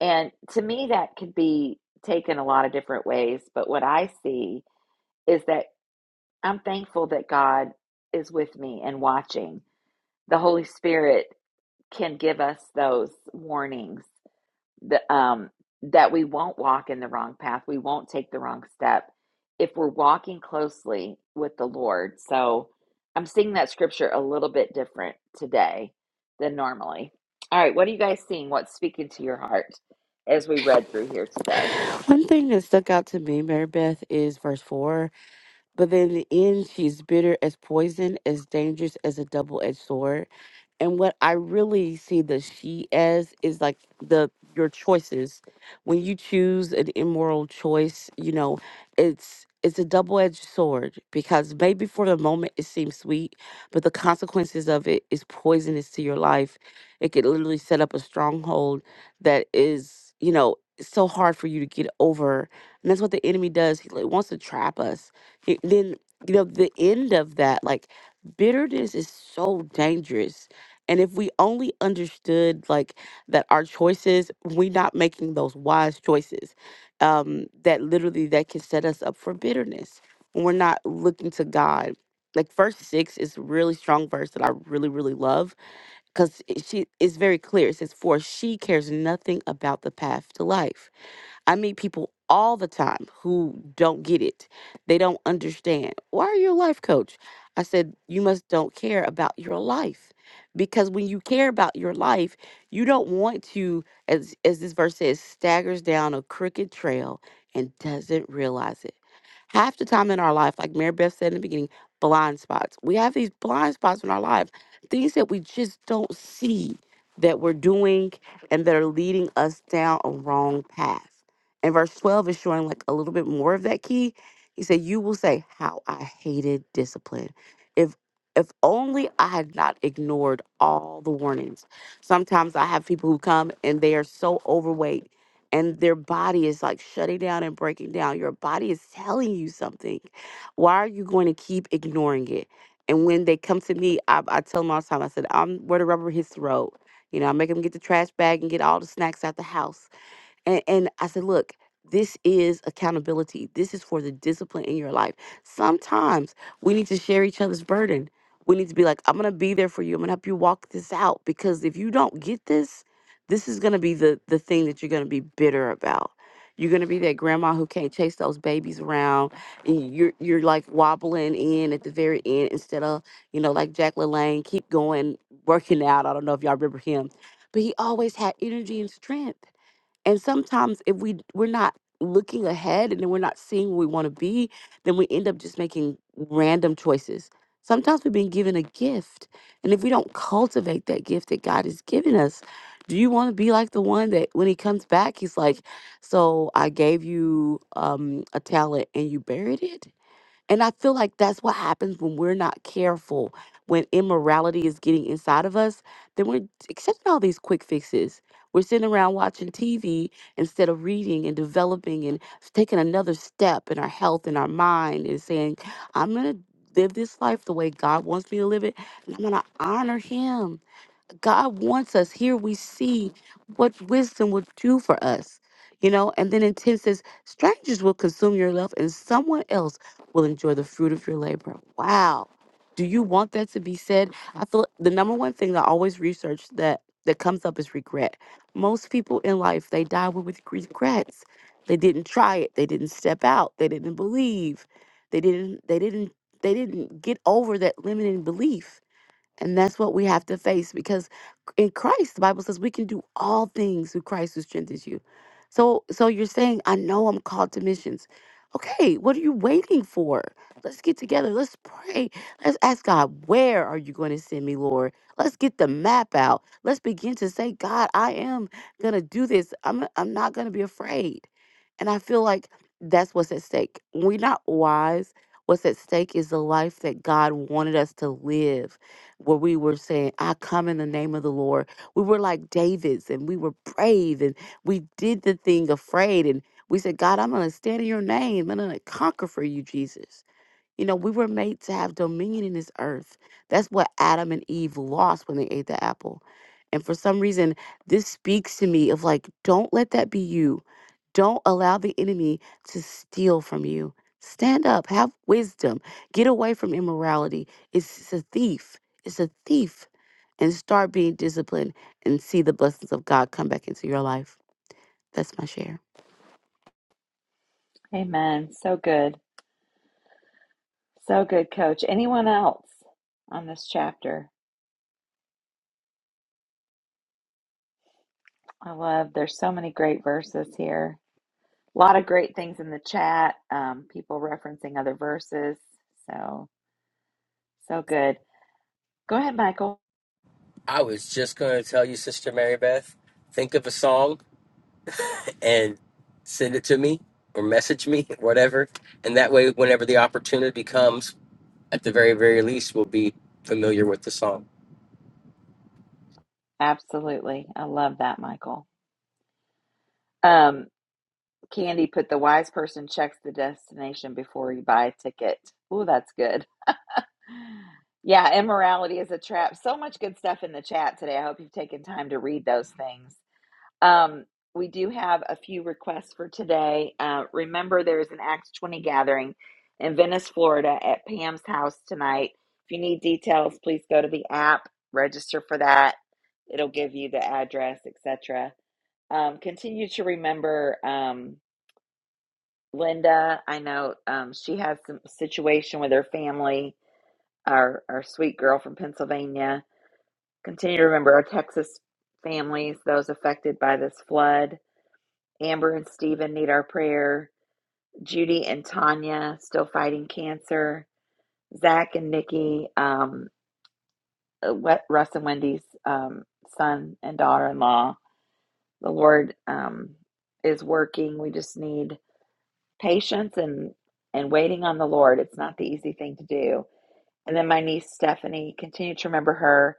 And to me that could be taken a lot of different ways, but what I see is that I'm thankful that God is with me and watching. The Holy Spirit can give us those warnings that, um, that we won't walk in the wrong path, we won't take the wrong step if we're walking closely with the Lord. So I'm seeing that scripture a little bit different today than normally. All right, what are you guys seeing? What's speaking to your heart as we read through here today? One thing that stuck out to me, Mary Beth, is verse 4. But then in the end, she's bitter as poison, as dangerous as a double edged sword. And what I really see the she as is like the your choices. When you choose an immoral choice, you know, it's it's a double edged sword because maybe for the moment it seems sweet, but the consequences of it is poisonous to your life. It could literally set up a stronghold that is, you know, so hard for you to get over. And that's what the enemy does. He like, wants to trap us Y- then you know the end of that like bitterness is so dangerous and if we only understood like that our choices we not making those wise choices um that literally that can set us up for bitterness when we're not looking to god like verse six is a really strong verse that i really really love because she is very clear it says for she cares nothing about the path to life I meet people all the time who don't get it. They don't understand. Why are you a life coach? I said, You must don't care about your life. Because when you care about your life, you don't want to, as as this verse says, staggers down a crooked trail and doesn't realize it. Half the time in our life, like Mary Beth said in the beginning, blind spots. We have these blind spots in our life, things that we just don't see that we're doing and that are leading us down a wrong path. And verse 12 is showing like a little bit more of that key. He said, You will say, How I hated discipline. If if only I had not ignored all the warnings. Sometimes I have people who come and they are so overweight and their body is like shutting down and breaking down. Your body is telling you something. Why are you going to keep ignoring it? And when they come to me, I, I tell them all the time, I said, I'm where the rubber hits the road. You know, I make them get the trash bag and get all the snacks out the house and, and I said, look, this is accountability. This is for the discipline in your life. Sometimes we need to share each other's burden. We need to be like, I'm gonna be there for you. I'm gonna help you walk this out because if you don't get this, this is gonna be the the thing that you're gonna be bitter about. You're gonna be that grandma who can't chase those babies around, and you're you're like wobbling in at the very end instead of you know like Jack LaLanne keep going working out. I don't know if y'all remember him, but he always had energy and strength and sometimes if we we're not looking ahead and then we're not seeing where we want to be, then we end up just making random choices. Sometimes we've been given a gift, and if we don't cultivate that gift that God has given us, do you want to be like the one that when he comes back, he's like, "So I gave you um, a talent and you buried it." And I feel like that's what happens when we're not careful, when immorality is getting inside of us, then we're accepting all these quick fixes. We're sitting around watching TV instead of reading and developing and taking another step in our health and our mind and saying, I'm going to live this life the way God wants me to live it. And I'm going to honor Him. God wants us. Here we see what wisdom would do for us, you know. And then in 10 says, strangers will consume your love and someone else will enjoy the fruit of your labor. Wow. Do you want that to be said? I feel the number one thing that I always research that that comes up is regret. Most people in life, they die with with regrets. They didn't try it. They didn't step out. They didn't believe. They didn't they didn't they didn't get over that limiting belief and that's what we have to face because in Christ, the Bible says we can do all things through Christ who strengthens you. So so you're saying, I know I'm called to missions. Okay, what are you waiting for? Let's get together. Let's pray. Let's ask God, where are you going to send me, Lord? Let's get the map out. Let's begin to say, God, I am gonna do this. I'm I'm not gonna be afraid. And I feel like that's what's at stake. When we're not wise, what's at stake is the life that God wanted us to live where we were saying, I come in the name of the Lord. We were like David's and we were brave and we did the thing afraid. And we said, God, I'm going to stand in your name. I'm going to conquer for you, Jesus. You know, we were made to have dominion in this earth. That's what Adam and Eve lost when they ate the apple. And for some reason, this speaks to me of like, don't let that be you. Don't allow the enemy to steal from you. Stand up, have wisdom, get away from immorality. It's, it's a thief. It's a thief. And start being disciplined and see the blessings of God come back into your life. That's my share. Amen. So good. So good, coach. Anyone else on this chapter? I love there's so many great verses here. A lot of great things in the chat. Um, people referencing other verses. So so good. Go ahead, Michael. I was just going to tell you, Sister Mary Beth, think of a song and send it to me or message me, whatever. And that way, whenever the opportunity comes, at the very very least will be familiar with the song Absolutely. I love that, Michael. Um, Candy put the wise person checks the destination before you buy a ticket. Oh, that's good. Yeah, immorality is a trap. So much good stuff in the chat today. I hope you've taken time to read those things. Um, we do have a few requests for today. Uh, remember, there is an Acts 20 gathering in Venice, Florida at Pam's house tonight. If you need details, please go to the app, register for that. It'll give you the address, etc. Um, continue to remember um, Linda. I know um, she has some situation with her family our our sweet girl from Pennsylvania. Continue to remember our Texas families, those affected by this flood. Amber and Stephen need our prayer. Judy and Tanya still fighting cancer. Zach and Nikki, um, uh, what Russ and Wendy's um, son and daughter-in-law. The Lord um, is working. We just need patience and and waiting on the Lord. It's not the easy thing to do And then my niece Stephanie, continue to remember her.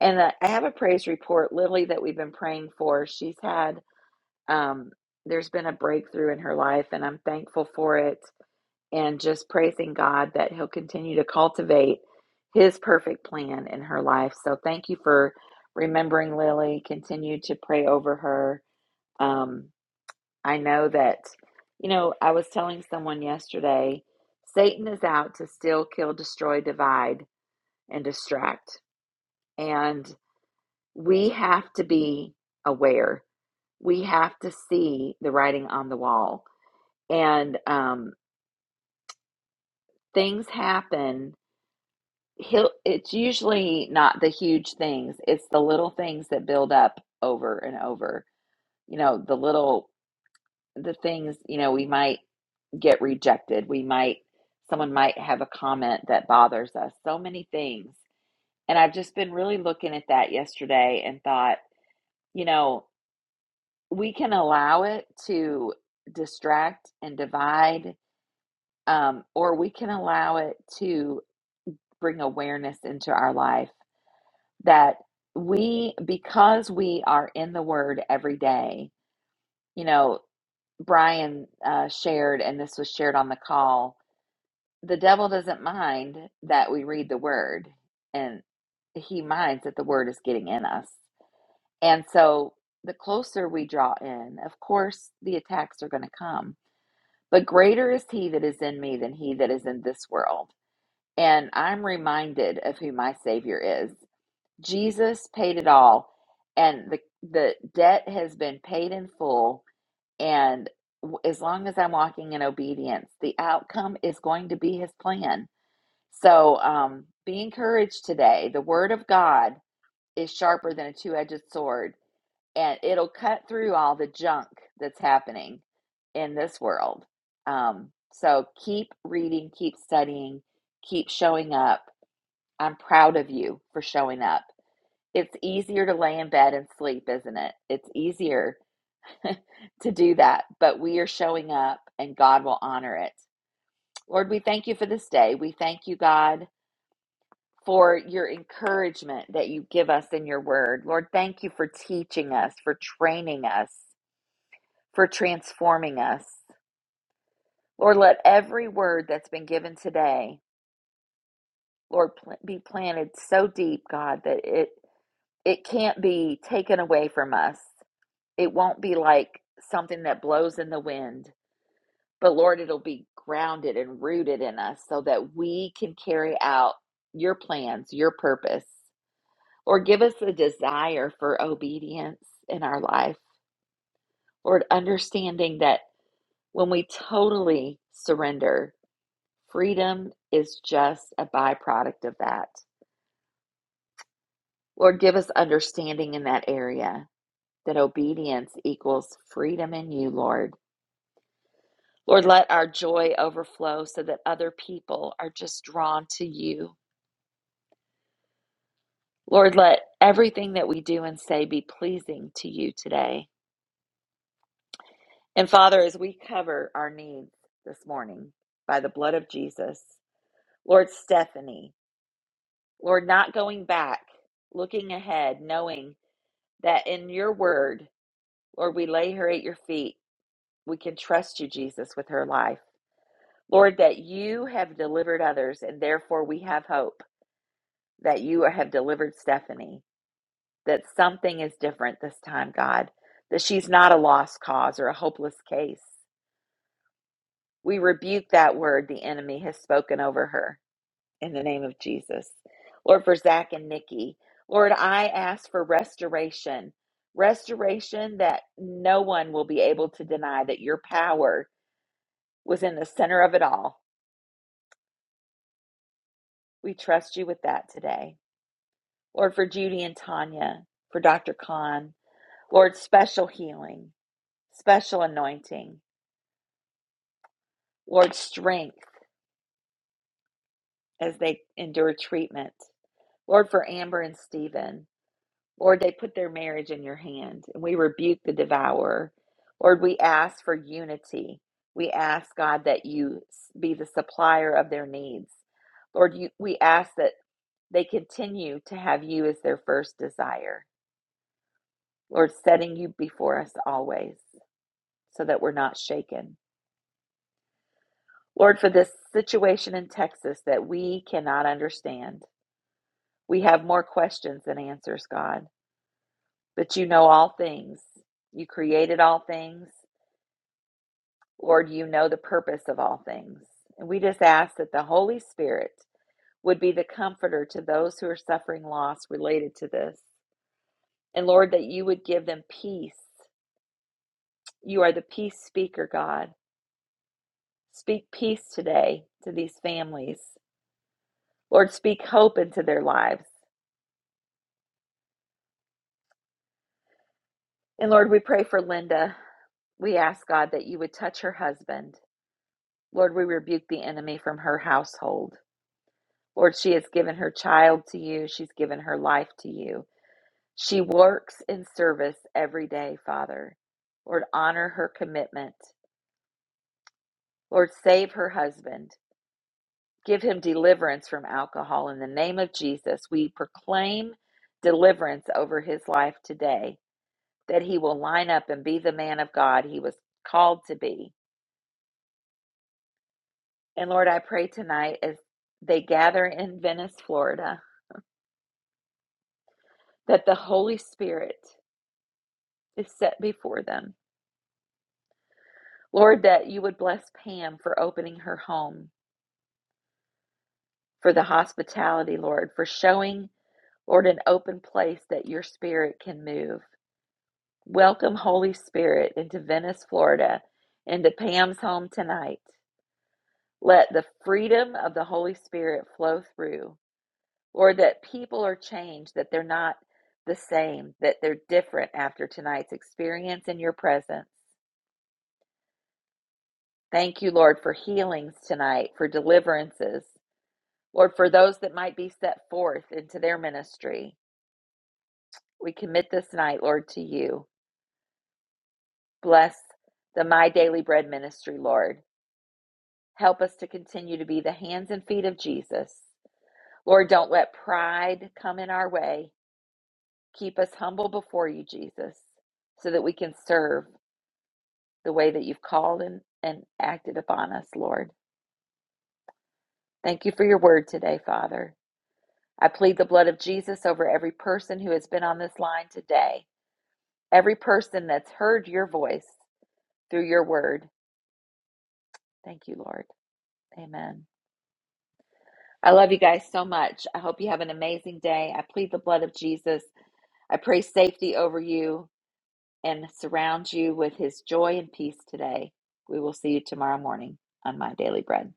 And I I have a praise report, Lily, that we've been praying for. She's had, um, there's been a breakthrough in her life, and I'm thankful for it. And just praising God that He'll continue to cultivate His perfect plan in her life. So thank you for remembering Lily. Continue to pray over her. Um, I know that, you know, I was telling someone yesterday Satan is out to steal, kill, destroy, divide and distract. And we have to be aware. We have to see the writing on the wall. And um, things happen. He'll, it's usually not the huge things, it's the little things that build up over and over. You know, the little, the things, you know, we might get rejected. We might, someone might have a comment that bothers us. So many things. And I've just been really looking at that yesterday and thought, you know, we can allow it to distract and divide, um, or we can allow it to bring awareness into our life that we, because we are in the Word every day, you know, Brian uh, shared, and this was shared on the call the devil doesn't mind that we read the Word, and he minds that the Word is getting in us. And so, the closer we draw in, of course, the attacks are going to come But greater is he that is in me than he that is in this world. And I'm reminded of who my Savior is. Jesus paid it all, and the, the debt has been paid in full. And w- as long as I'm walking in obedience, the outcome is going to be his plan. So um, be encouraged today. The word of God is sharper than a two edged sword and it'll cut through all the junk that's happening in this world. Um, so keep reading, keep studying, keep showing up. I'm proud of you for showing up. It's easier to lay in bed and sleep, isn't it? It's easier to do that, but we are showing up and God will honor it. Lord, we thank you for this day. We thank you, God, for your encouragement that you give us in your word. Lord, thank you for teaching us, for training us. for transforming us. Lord, let every word that's been given today, Lord, pl- be planted so deep, God, that it it can't be taken away from us. It won't be like something that blows in the wind, but Lord, it'll be grounded and rooted in us so that we can carry out your plans, your purpose. Lord, give us a desire for obedience in our life. Lord, understanding that when we totally surrender, Freedom is just a byproduct of that. Lord, give us understanding in that area that obedience equals freedom in you, Lord. Lord, let our joy overflow so that other people are just drawn to you. Lord, let everything that we do and say be pleasing to you today. And Father, as we cover our needs this morning by the blood of Jesus, Lord, Stephanie, Lord, not going back, looking ahead, knowing that in your word, Lord, we lay her at your feet. We can trust you, Jesus, with her life. Lord, that you have delivered others, and therefore we have hope that you have delivered Stephanie, that something is different this time, God, that she's not a lost cause or a hopeless case. We rebuke that word the enemy has spoken over her in the name of Jesus. Lord, for Zach and Nikki, Lord, I ask for restoration, restoration that no one will be able to deny that your power was in the center of it all. We trust you with that today. Lord, for Judy and Tanya, for Dr. Khan, Lord, special healing, special anointing, Lord, strength as they endure treatment. Lord, for Amber and Stephen, Lord, they put their marriage in your hand and we rebuke the devourer. Lord, we ask for unity. We ask, God, that you be the supplier of their needs. Lord, you, we ask that. They continue to have you as their first desire. Lord, setting you before us always so that we're not shaken. Lord, for this situation in Texas that we cannot understand, we have more questions than answers, God. But you know all things. You created all things. Lord, you know the purpose of all things. And we just ask that the Holy Spirit would be the comforter to those who are suffering loss related to this. And Lord, that you would give them peace You are the peace speaker, God. Speak peace today to these families. Lord, speak hope into their lives. And Lord, we pray for Linda. We ask God that you would touch her husband. Lord, we rebuke the enemy from her household. Lord, she has given her child to you, she's given her life to you. She works in service every day, Father. Lord, honor her commitment. Lord, save her husband. Give him deliverance from alcohol. In the name of Jesus, we proclaim deliverance over his life today, that he will line up and be the man of God he was called to be. And Lord, I pray tonight as they gather in Venice, Florida, that the Holy Spirit is set before them. Lord, that you would bless Pam for opening her home, for the hospitality, Lord, for showing, Lord, an open place that your spirit can move. Welcome, Holy Spirit, into Venice, Florida, into Pam's home tonight. Let the freedom of the Holy Spirit flow through. Lord, that people are changed, that they're not the same, that they're different after tonight's experience in your presence. Thank you, Lord, for healings tonight, for deliverances. Lord, for those that might be set forth into their ministry, we commit this night, Lord, to you. Bless the My Daily Bread ministry, Lord. Help us to continue to be the hands and feet of Jesus. Lord, don't let pride come in our way. Keep us humble before you, Jesus, so that we can serve the way that you've called and, and acted upon us, Lord. Thank you for your word today, Father. I plead the blood of Jesus over every person who has been on this line today, every person that's heard your voice through your word. Thank you, Lord. Amen. I love you guys so much. I hope you have an amazing day. I plead the blood of Jesus I pray safety over you and surround you with his joy and peace today. We will see you tomorrow morning on My Daily Bread.